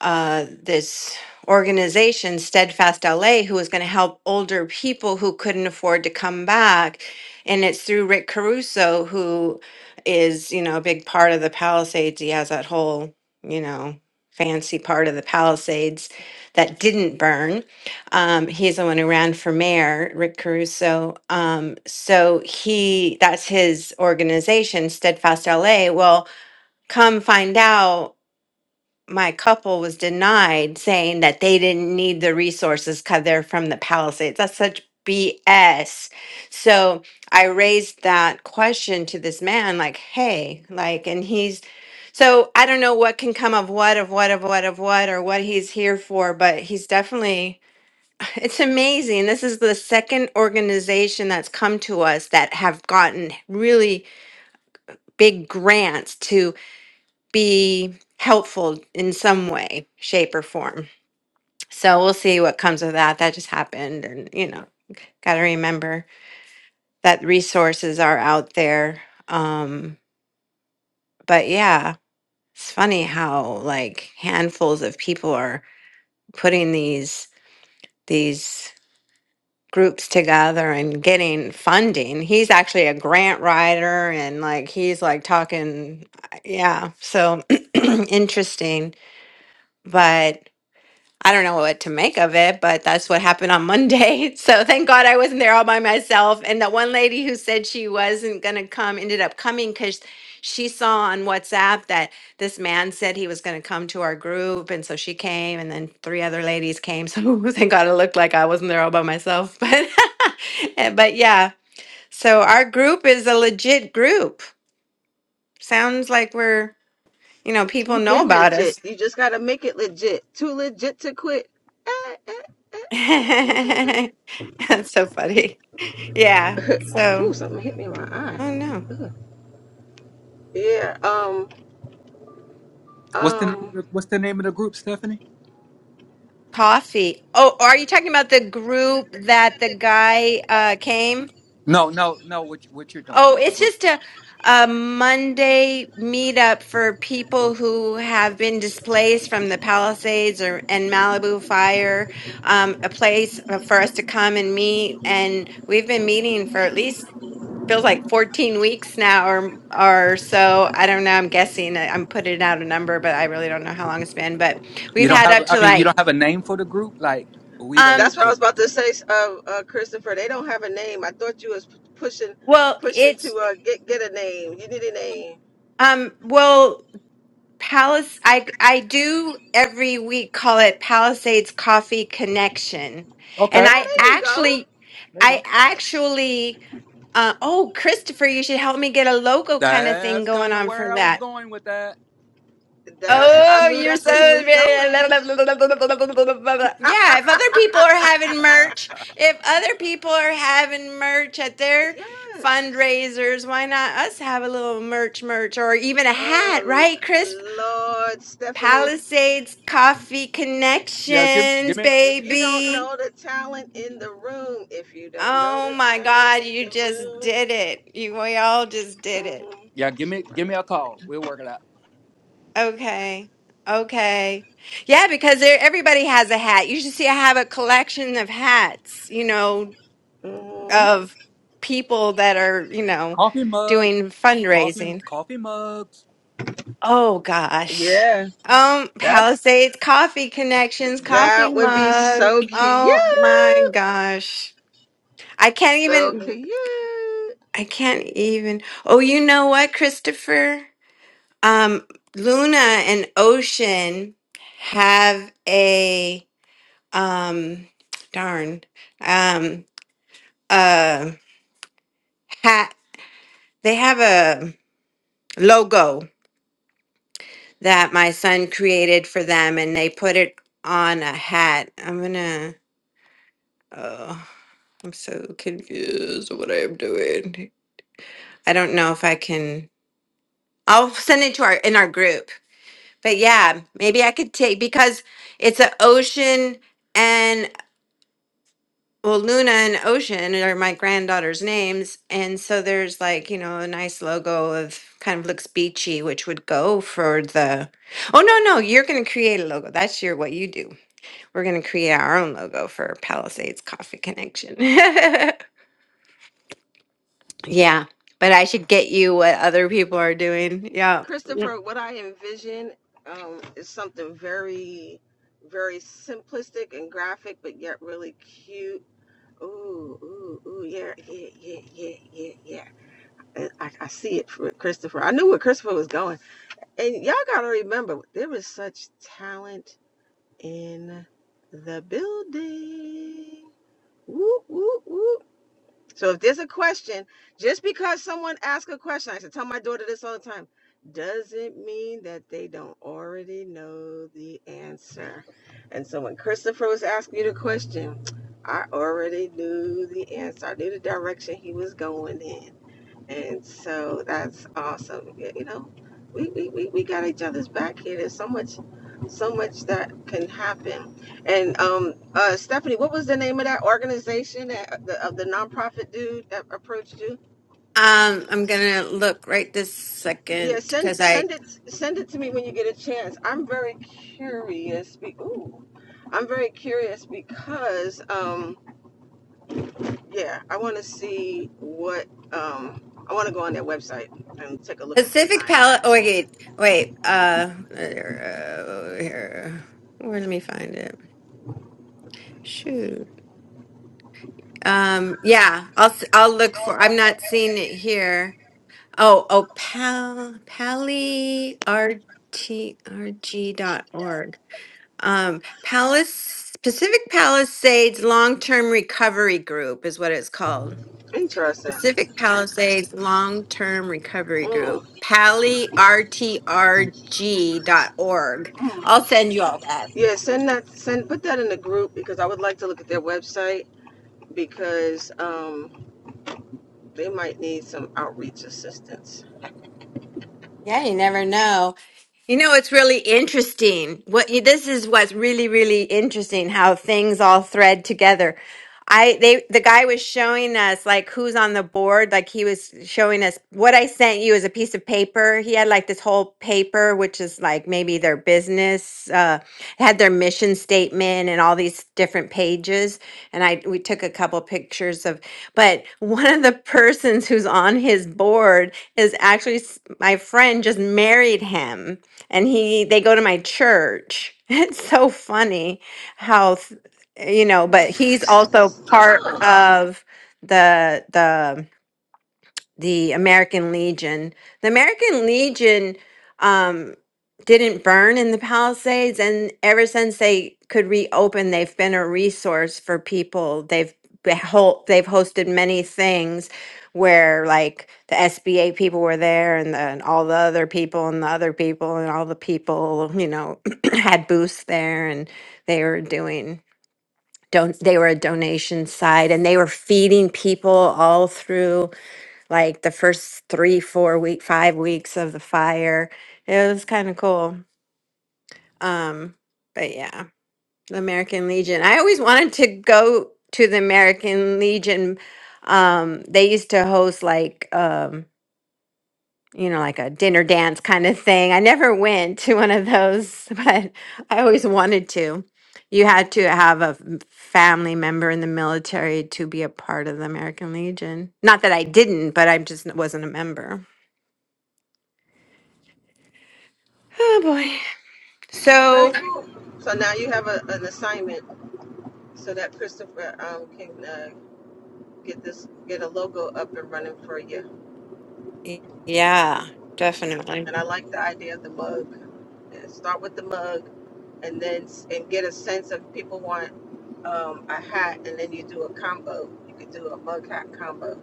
uh, this organization, Steadfast LA, who was going to help older people who couldn't afford to come back. And it's through Rick Caruso, who is, you know, a big part of the Palisades. He has that whole, you know, fancy part of the Palisades that didn't burn um, he's the one who ran for mayor, Rick Caruso. Um, so he, that's his organization, Steadfast LA. Well, come find out, my couple was denied saying that they didn't need the resources because they're from the Palisades. That's such BS. So I raised that question to this man, like, hey, like, and he's, so I don't know what can come of what, of what, of what, of what, or what he's here for, but he's definitely it's amazing. This is the second organization that's come to us that have gotten really big grants to be helpful in some way, shape, or form. So we'll see what comes of that. That just happened. And, you know, got to remember that resources are out there. Um, but yeah, it's funny how like handfuls of people are putting these, these. groups together and getting funding. He's actually a grant writer and like he's like talking yeah, so interesting. But I don't know what to make of it, but that's what happened on Monday. So thank God I wasn't there all by myself. And that one lady who said she wasn't going to come ended up coming because she saw on WhatsApp that this man said he was going to come to our group. And so she came, and then three other ladies came. So thank God it looked like I wasn't there all by myself. But, eh, but yeah, so our group is a legit group. Sounds like we're, you know, people You've know been about legit. us. You just gotta make it legit. Too legit to quit. Eh, eh, eh. That's so funny. Yeah. Ooh, So something hit me in my eye. oh no, Ugh. Yeah. Um. What's the name of Um. the, What's the name of the group, Stephanie? Coffee. Oh, are you talking about the group that the guy uh came? No, no, no. What you- what you're doing? Oh, The it's group. just a a Monday meetup for people who have been displaced from the Palisades or and Malibu fire. Um, a place for us to come and meet, and we've been meeting for at least feels like 14 weeks now or or so. I don't know. I'm guessing. I- I'm putting out a number, but I really don't know how long it's been. But You we've don't had have. up I to mean, you like don't have a name for the group. Like we the Um, That's what I the. was about the to say, uh, uh, Christopher. They don't have a name. I thought you was p- pushing, well, pushing to it's uh, get get a name. You need a name. um, well, Palace. I I do every week call it Palisades Coffee Connection, and okay. I Oh, Okay. there you go. actually, There you I go. actually, uh, oh, Christopher, you should help me get a logo kind of thing That's going kind of on for where I was that. going with that. That's. I Oh, knew you're that's so where he was yeah. going. If other people are having merch, if other people are having merch at their Yes. fundraisers, why not us have a little merch, merch, or even a hat, Oh right, L- Chris? Lord, Stephanie. Palisades Coffee yeah. Give give Connections, me. If you don't baby. know the talent in the room, if you don't know Oh the my talent God, in you the just room, did it. You we all just did it. hmm Yeah, give me give me a call. We'll work it out. Okay. Okay. Yeah, because there, everybody has a hat. You should see I have a collection of hats, you know, hmm of people that are, you know, Coffee mugs, doing coffee m- fundraising. coffee mugs. Oh gosh. yeah, Um, that's Palisades Coffee Connections that coffee would be mug. so cute, Oh my gosh. I can't so even cute. I can't even. Oh, you know what, Christopher? Um, Luna and Ocean have a um darn um uh hat they have a logo that my son created for them and they put it on a hat i'm gonna oh i'm so confused what i'm doing i don't know if i can i'll send it to our in our group but yeah maybe i could take because it's an ocean Well, Luna and Ocean are my granddaughter's names. And so there's like, you know, a nice logo of kind of looks beachy, which would go for the. Oh, no, no, you're going to create a logo. That's your what you do. We're going to create our own logo for Palisades Coffee Connection. yeah. But I should get you what other people are doing. Yeah. Christopher, what I envision um, is something very, very simplistic and graphic, but yet really cute. Ooh, ooh, ooh, yeah, yeah, yeah, yeah, yeah, yeah. I, I see it, for Christopher. I knew where Christopher was going. And y'all gotta remember, there is such talent in the building. Whoop, whoop, whoop. So if there's a question, just because someone asks a question, I should tell my daughter this all the time, doesn't mean that they don't already know the answer. And so when Christopher was asking you the question, I already knew the answer. I knew the direction he was going in. And so that's awesome. Yeah, You know, we, we, we, we got each other's back here. There's so much, so much that can happen. And um, uh, Stephanie, what was the name of that organization that uh, the, of the nonprofit dude that approached you? Um, I'm going to look right this second Yeah, because send I send it send it to me when you get a chance. I'm very curious. Be, ooh, I'm very curious because um, yeah, I want to see what um, I want to go on their website and take a look at some Pacific things. Palace. Oh, wait, wait. Uh, here. Where let me find it? Shoot. Um, yeah, I'll s- I'll look for. I'm not seeing it here. Oh, oh, pal, pally r t r g dot org. Um, Palace Pacific Palisades Long Term Recovery Group is what it's called. Interesting. Pacific Palisades Long Term Recovery Group, Mm, pali r t r g dot org. mm. I'll send you all that. Yeah, send that. Send put that in the group because I would like to look at their website because um, they might need some outreach assistance. Yeah, you never know. You know, it's really interesting. What you- this is what's really, really interesting how things all thread together. I they the guy was showing us like who's on the board. Like he was showing us what I sent you is a piece of paper. He had like this whole paper, which is like maybe their business, uh, had their mission statement and all these different pages. And I we took a couple pictures of, but one of the persons who's on his board is actually s- my friend just married him and he they go to my church. It's so funny how th- you know, but he's also part Oh, of the the the American Legion. The American Legion um, didn't burn in the Palisades, and ever since they could reopen, they've been a resource for people. They've be- hol- they've hosted many things where like the SBA people were there and, the, and all the other people and the other people and all the people you know had booths there and they were doing don't they were a donation side and they were feeding people all through like the first three, four week, five weeks of the fire. It was kind of cool. Um, but yeah, the American Legion. I always wanted to go to the American Legion. Um, they used to host like um, you know, like a dinner dance kind of thing. I never went to one of those, but I always wanted to. You had to have a m- family member in the military to be a part of the American Legion. Not that I didn't, but I just wasn't a member. Oh boy. very So cool. So now you have a, an assignment so that Christopher um, can uh, get this get a logo up and running for you. y- yeah, definitely. And I like the idea of the mug. Yeah, start with the mug, and then s- and get a sense of people want um, a hat, and then you do a combo. You could do a mug hat combo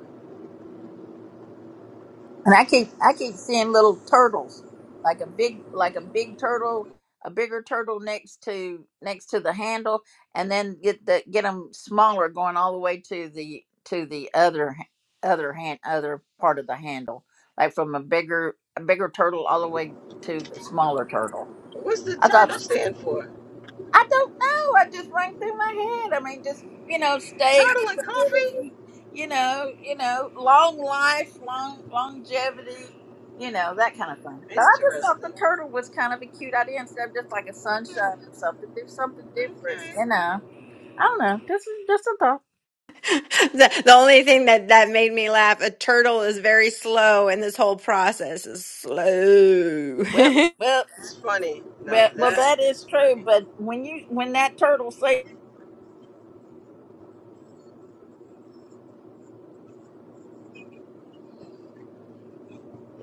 And I keep I keep seeing little turtles, like a big like a big turtle, a bigger turtle next to next to the handle, and then get the get them smaller going all the way to the to the other h- other hand other part of the handle, like from a bigger a bigger turtle all the way to the smaller turtle. What's the I thought turtle stand for? I don't know. I just rang through my head. I mean, just you know, stay Turtle and coffee? stability. You know, you know, long life, long longevity. You know that kind of thing. But I just thought the Interesting. turtle was kind of a cute idea instead of just like a sunshine Hmm, or something. Do something different. okay. You know, I don't know. This is just a thought. the the only thing that that made me laugh, a turtle is very slow and this whole process is slow. Well, well, It's funny. Now well, well. that That is is true. funny. But when you when that turtle say,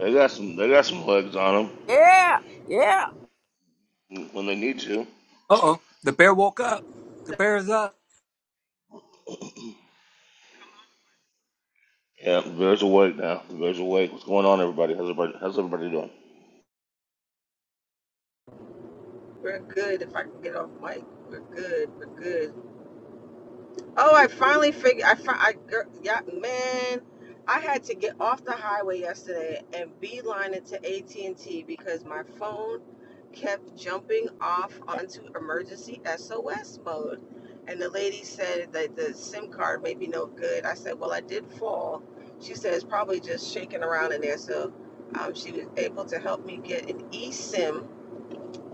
They got some they got some legs on yeah, yeah. them when they need to. Uh oh, the bear woke up. The bear is up. Yeah, the bears awake now. The bears awake. What's going on, everybody? How's everybody? How's everybody doing? We're good if I can get off mic. We're good. We're good. Oh, I finally figured. I, fi- I girl, yeah, man, I had to get off the highway yesterday and beeline it to AT and T because my phone kept jumping off onto emergency SOS mode, and the lady said that the SIM card may be no good. I said, well, I did fall. She said it's probably just shaking around in there, so um, she was able to help me get an eSIM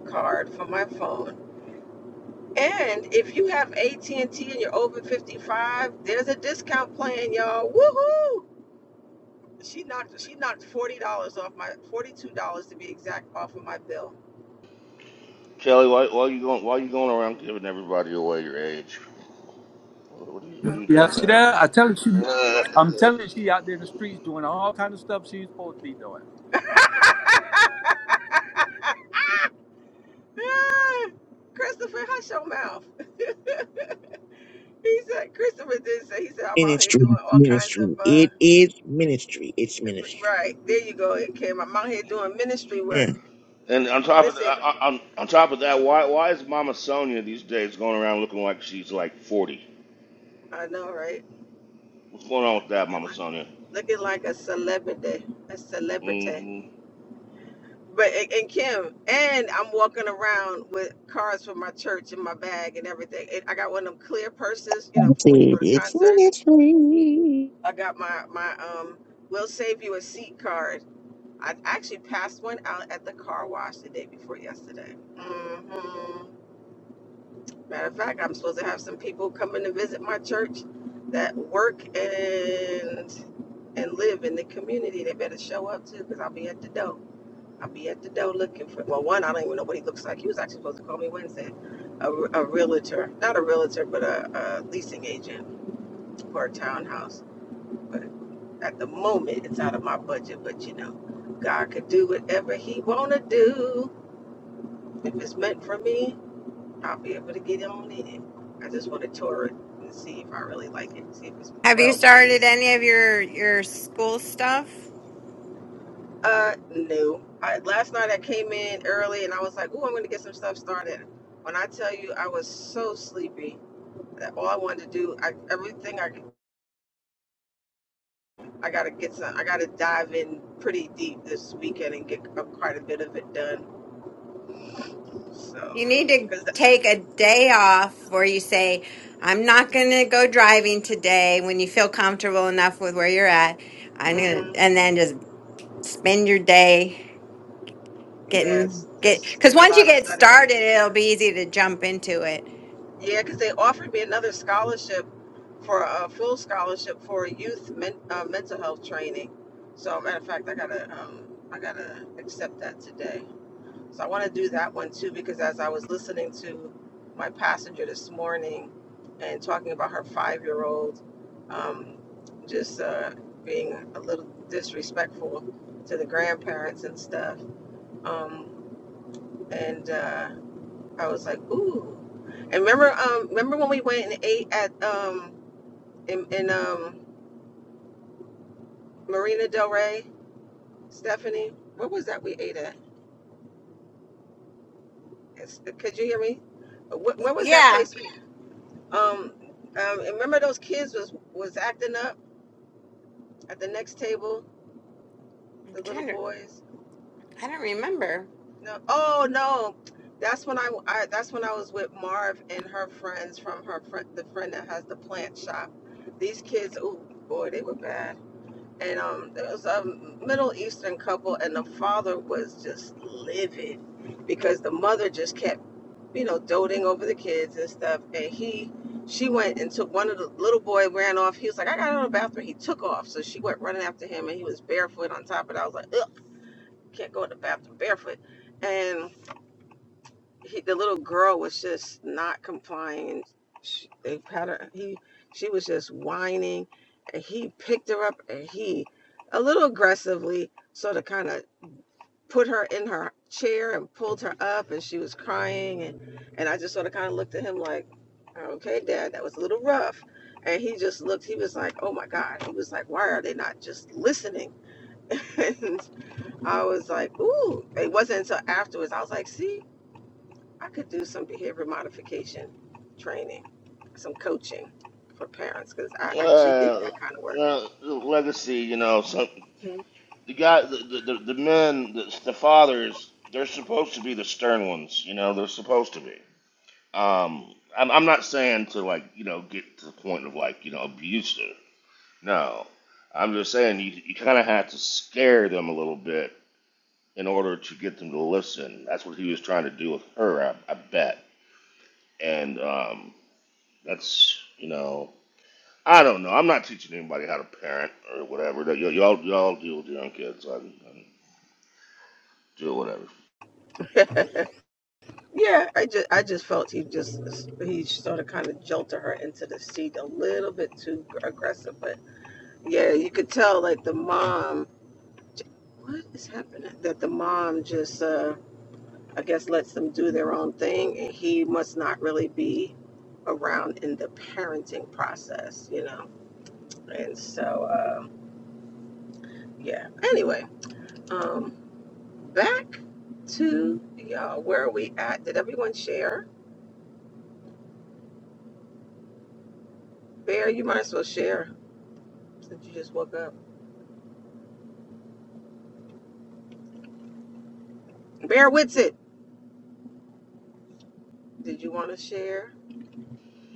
card for my phone and if you have AT&T and T and you're over 55, there's a discount plan, y'all. Woohoo! She knocked she knocked forty dollars off my forty two dollars to be exact off of my bill. Kelly, why, why you going? Why you going around giving everybody away your age? What are you, what are Oh, you because Yeah, doing I see don't there? that? mind. I tell her she, I don't mind. I'm telling you, she out there in the streets doing all kind of stuff she ain't supposed to be doing. Ah, Christopher, hush your mouth. He said Christopher did say he said I'm out here Ministry, doing all kinds of ministry. uh It is ministry. It's ministry. right. There you go, Kim. I'm out here doing ministry Yeah. work. And on top of that, Listen, on, on top of that, why why is Mama Sonia these days going around looking like she's like forty? I know, right? What's going on with that, looking Mama like Sonia? looking like a celebrity, a celebrity. hmm But and, and Kim, and I'm walking around with cards from my church in my bag and everything. And I got one of them clear purses, you I know, for when you said go to it's concerts. ministry. I got my my um, "We'll Save You a Seat" card. I actually passed one out at the car wash the day before yesterday. hmm Matter of fact, I'm supposed to have some people coming to visit my church that work and and live in the community, they better show up too, because I'll be at the door. I'll be at the door looking for, well, one, I don't even know what he looks like. He was actually supposed to call me Wednesday. A, a realtor, not a realtor, but a, a leasing agent for a townhouse. But at the moment, it's out of my budget, but you know, God could do whatever he want to do. If it's meant for me, I'll be able to get on in. it. I just want to tour it and see if I really like it, see if it's Have you well made started any of your your school stuff? Uh, no. I, last night I came in early and I was like, "Ooh, I'm going to get some stuff started." When I tell you, I was so sleepy that all I wanted to do, I, everything I, I got to get some, I got to dive in pretty deep this weekend and get a, quite a bit of it done. So, You need to because, take a day off where you say I'm not going to go driving today when you feel comfortable enough with where you're at. I'm going to mm-hmm, and then just spend your day yeah, it's Getting get just because getting a once you lot of get studying. started, it'll be easy to jump into it. Yeah, because they offered me another scholarship for a full scholarship for youth men, uh, mental health training. So, matter of fact, I gotta um, I gotta accept that today. So I want to do that one too because as I was listening to my passenger this morning and talking about her five year old, um, just uh, being a little disrespectful to the grandparents and stuff, um, and. Uh, I was like, ooh. And remember, um, remember when we went and ate at um in, in um Marina Del Rey, Stephanie? What was that we ate at? It's, could you hear me? What, Y- what was that Yeah, place? we- Um, um, and remember those kids was was acting up at the next table, I'm the little trying to. boys. I don't remember. No, oh no, that's when I, I that's when I was with Marv and her friends from her friend, the friend that has the plant shop. These kids, ooh boy, they were bad. and um, there was a Middle Eastern couple, and the father was just livid because the mother just kept, you know, doting over the kids and stuff. And he, she went and took one of the little boy ran off. He was like, I got out of the bathroom. He took off, so she went running after him, and he was barefoot on top. of it. I was like, Ugh, can't go to the bathroom barefoot. And he, the little girl was just not complying. She, they had her. He, she was just whining, and he picked her up and he, a little aggressively, sort of kind of put her in her chair and pulled her up, and she was crying, and and I just sort of kind of looked at him like, okay, Dad, that was a little rough. And he just looked, he was like, oh my God. He was like, why are they not just listening? And I was like, ooh. It wasn't until afterwards. I was like, see? I could do some behavior modification training, some coaching for parents because I actually did Uh, that kind of work. uh, legacy, you know, so Mhm. the guy, the, the, the men, the, the fathers, they're supposed to be the stern ones, you know, they're supposed to be. Um, I'm, I'm not saying to like you know get to the point of like you know abuse her. No, I'm just saying you you kind of have to scare them a little bit in order to get them to listen. That's what he was trying to do with her, I, I bet. And um, that's you know I don't know. I'm not teaching anybody how to parent or whatever. Y- y'all y'all deal with your own kids. I, I do whatever. Yeah, I just I just felt he just he sort of kind of jolted her into the seat a little bit too aggressive, but yeah, you could tell like the mom. What is happening? That the mom just uh, I guess lets them do their own thing, and he must not really be around in the parenting process, you know. And so uh, yeah. Anyway. um, Back to y'all. Where are we at? Did everyone share? Bear, you might as well share since you just woke up. Bear Whitsett, did you want to share?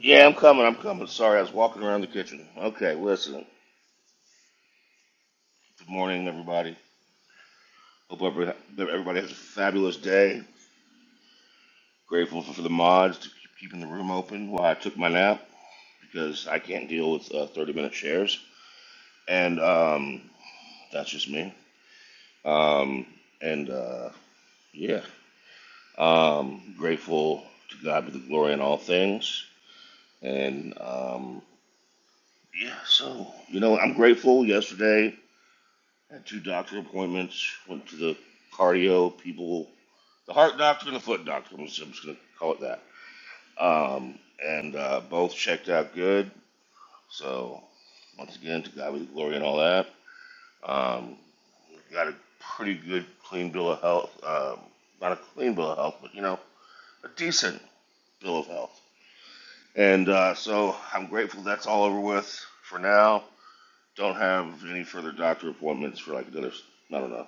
Yeah, I'm coming. I'm coming. Sorry, I was walking around the kitchen. Okay, listen. Good morning, everybody. Hope every everybody has a fabulous day. Grateful for, for the mods to keep keeping the room open while I took my nap because I can't deal with uh, 30 minute shares. And um, that's just me. Um, and uh, yeah, um, grateful to God be the glory in all things. And um, yeah, so, you know, I'm grateful yesterday. I Had two doctor appointments, went to the cardio people, the heart doctor and the foot doctor. I'm just, I'm just going to call it that. Um, and uh, both checked out good So, once again, to God be the glory and all that. Um, got a pretty good, clean bill of health. Um, not a clean bill of health, but you know, a decent bill of health. And uh, so, I'm grateful that's all over with for now. Don't have any further doctor appointments for like another, I don't know,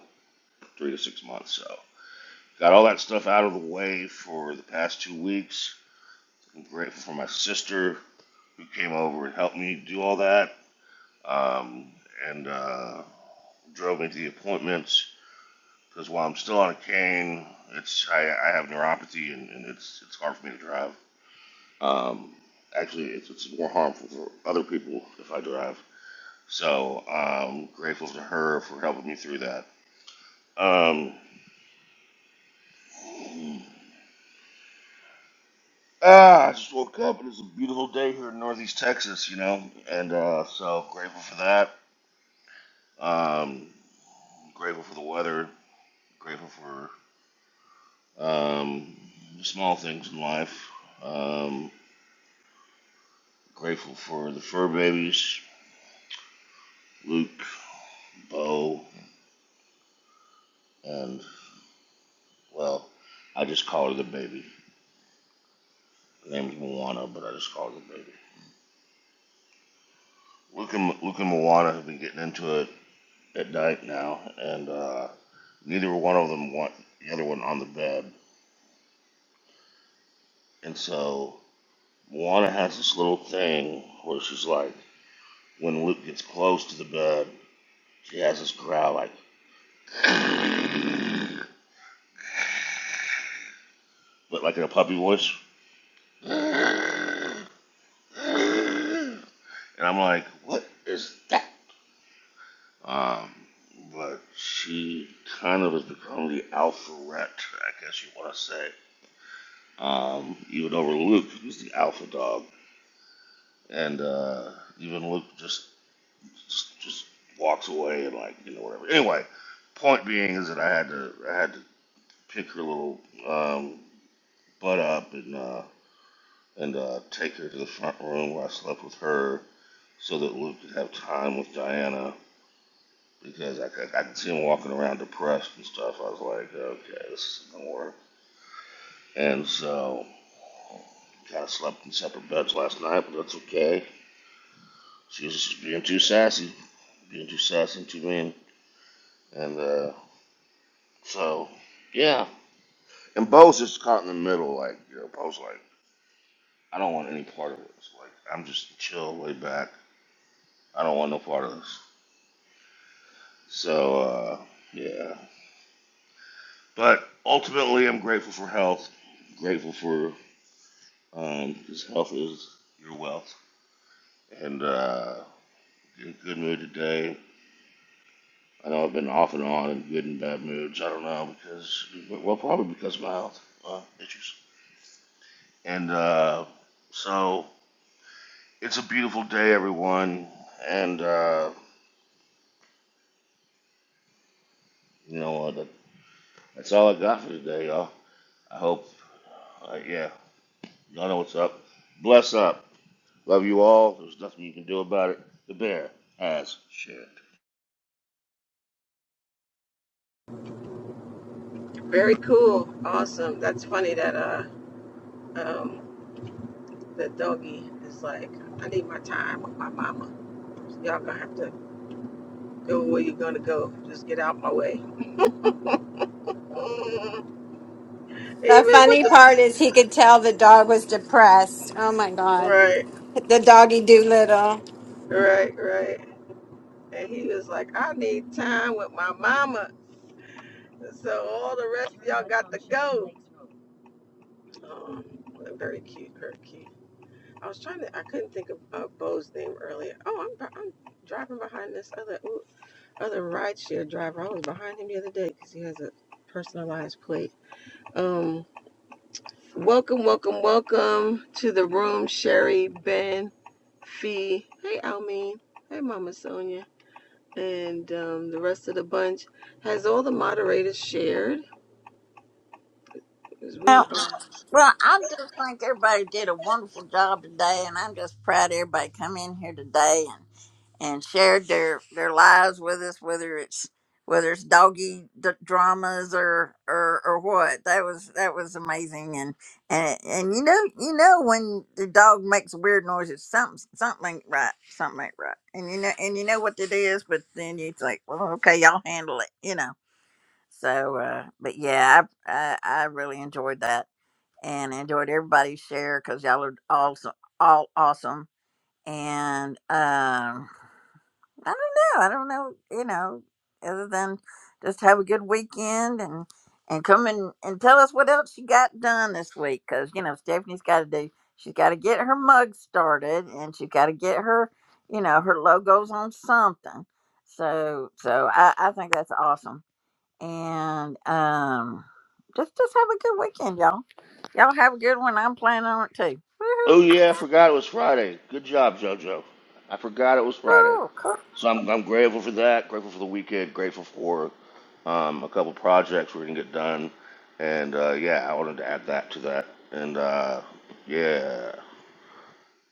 three to six months. So, got all that stuff out of the way for the past two weeks. I'm grateful for my sister who came over and helped me do all that. Um, and uh, drove me to the appointments because while I'm still on a cane, it's I, I have neuropathy and, and it's it's hard for me to drive. Um, actually, it's, it's more harmful for other people if I drive. So I'm grateful to her for helping me through that. Um, ah, I just woke up and it's a beautiful day here in Northeast Texas, you know, and uh, so grateful for that. Um, grateful for the weather. Grateful for um, small things in life. Um, Grateful for the fur babies, Luke, Bo, and, well, I just call her the baby. Her name's Moana, but I just call her the baby. Luke and, Luke and Moana have been getting into it at night now, and uh, neither one of them want the other one on the bed. And so Moana has this little thing where she's like, when Luke gets close to the bed, she has this growl like, but like in a puppy voice. And I'm like, what is that? Um, but she kind of has become the alpha rat, I guess you want to say. Um, even over Luke, who's the alpha dog, and uh, even Luke just, just just walks away and like you know whatever. Anyway, point being is that I had to I had to pick her little um, butt up and uh, and uh, take her to the front room where I slept with her so that Luke could have time with Diana because I, I, I could see him walking around depressed and stuff. I was like, okay, this isn't gonna work. And so, kind of slept in separate beds last night, but that's okay. She was just being too sassy, being too sassy and too mean. And uh, so, yeah. And Bo's just caught in the middle. Like, you know, Bo's like, I don't want any part of this. Like, I'm just chill, way back. I don't want no part of this. So, uh, yeah. But ultimately, I'm grateful for health, grateful for Um, his health is your wealth. And uh, in a good mood today. I know I've been off and on in good and bad moods. I don't know because, well, probably because of my health uh, issues. And uh, so it's a beautiful day, everyone. And uh, you know what? That's all I got for today, y'all. I hope, uh, yeah, y'all know what's up. Bless up. Love you all. There's nothing you can do about it. The bear has shared. Very cool. Awesome. That's funny that uh um the doggy is like, I need my time with my mama. Y'all gonna have to go where you're gonna go. Just get out my way. Mm, The Even with funny the part is he could tell the dog was depressed. Oh my god, Right, the doggy Doolittle. right, right. And he was like, I need time with my mama. So all the rest of y'all got to go. Um, very cute, very cute. curvy. I was trying to, I couldn't think of uh, Bo's name earlier. Oh, I'm, I'm driving behind this other ooh, other rideshare driver. I was behind him the other day because he has a personalized plate. Um, welcome, welcome, welcome to the room, Sherry, Ben, Fee. Hey, Almeen. Hey, Mama Sonia. And um, the rest of the bunch. Has all the moderators shared? Because we are. Well, I just think everybody did a wonderful job today, and I'm just proud everybody come in here today and and shared their their lives with us, whether it's whether it's doggy d- dramas or or or what. That was that was amazing, and and and you know you know when the dog makes weird noises, something something ain't right, something ain't right, and you know and you know what it is, but then you think, well, okay, y'all handle it, you know. So, uh, but yeah, I, I I really enjoyed that and I enjoyed everybody's share because y'all are also all awesome. And um, I don't know, I don't know, you know, other than just have a good weekend and and come in and tell us what else you got done this week because you know Stephanie's got to do. She's got to get her mug started and she's got to get her, you know, her logos on something. So so I, I think that's awesome and um, just just have a good weekend, y'all. Y'all have a good one. I'm planning on it too. Woohoo! Oh yeah, I forgot it was Friday. Good job, JoJo. I forgot it was Friday. Cool, cool. So I'm, I'm grateful for that. Grateful for the weekend. Grateful for um, a couple projects we're gonna get done. And uh, yeah, I wanted to add that to that. And uh, yeah,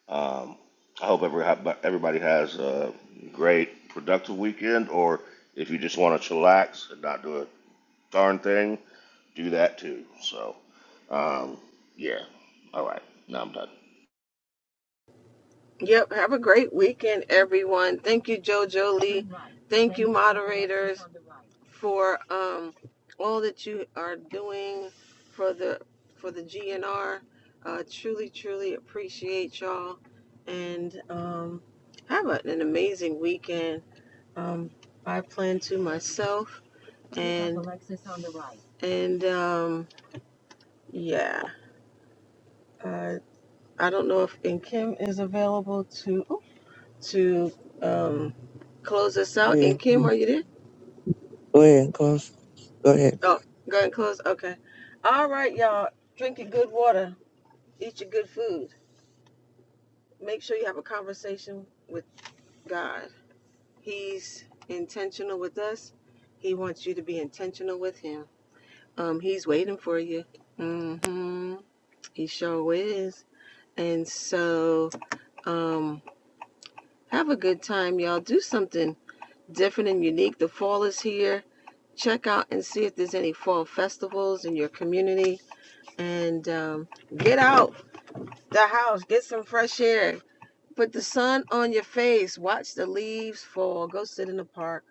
um, I hope every, everybody has a great productive weekend. Or if you just want to chillax and not do a darn thing, do that too. So um, yeah, all right. Now I'm done. Yep. Have a great weekend, everyone. Thank you, JoJo Lee. Thank you, moderators, for um, all that you are doing for the for the GNR. Uh, truly, truly appreciate y'all, and um, have a, an amazing weekend. Um, I plan to myself, and and um, yeah, uh, I don't know if and Kim is available to to. Um, close us Go out. And ahead. Kim, are you there? Go ahead, cuz. Go ahead. Oh, go ahead and close. Okay. All right, y'all. Drink your good water. Eat your good food. Make sure you have a conversation with God. He's intentional with us. He wants you to be intentional with Him. Um, He's waiting for you. Mm-hmm. He sure is. And so, um, have a good time, y'all. Do something different and unique. The fall is here. Check out and see if there's any fall festivals in your community and um, get out the house, get some fresh air, put the sun on your face, watch the leaves fall, go sit in the park,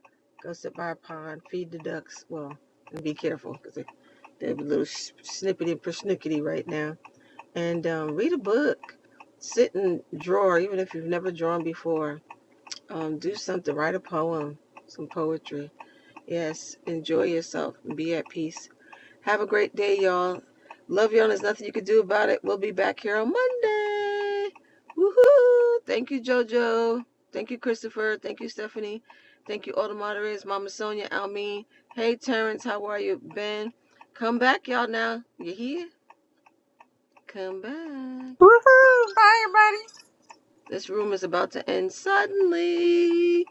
go sit by a pond, feed the ducks. Well, and be careful because they, they're a little sh- snippety and persnickety right now. And um, read a book, sit and draw, even if you've never drawn before. Um, do something, write a poem, some poetry. Yes, enjoy yourself and be at peace have a great day, y'all. Love y'all. There's nothing you can do about it. We'll be back here on Monday. Woohoo! Thank you, JoJo. Thank you, Christopher. Thank you, Stephanie. Thank you, all the moderators. Mama Sonia, Almeen. Hey, Terrence, how are you? Ben, come back, y'all, now. You hear? Come back. Woohoo! Bye, everybody. This room is about to end suddenly.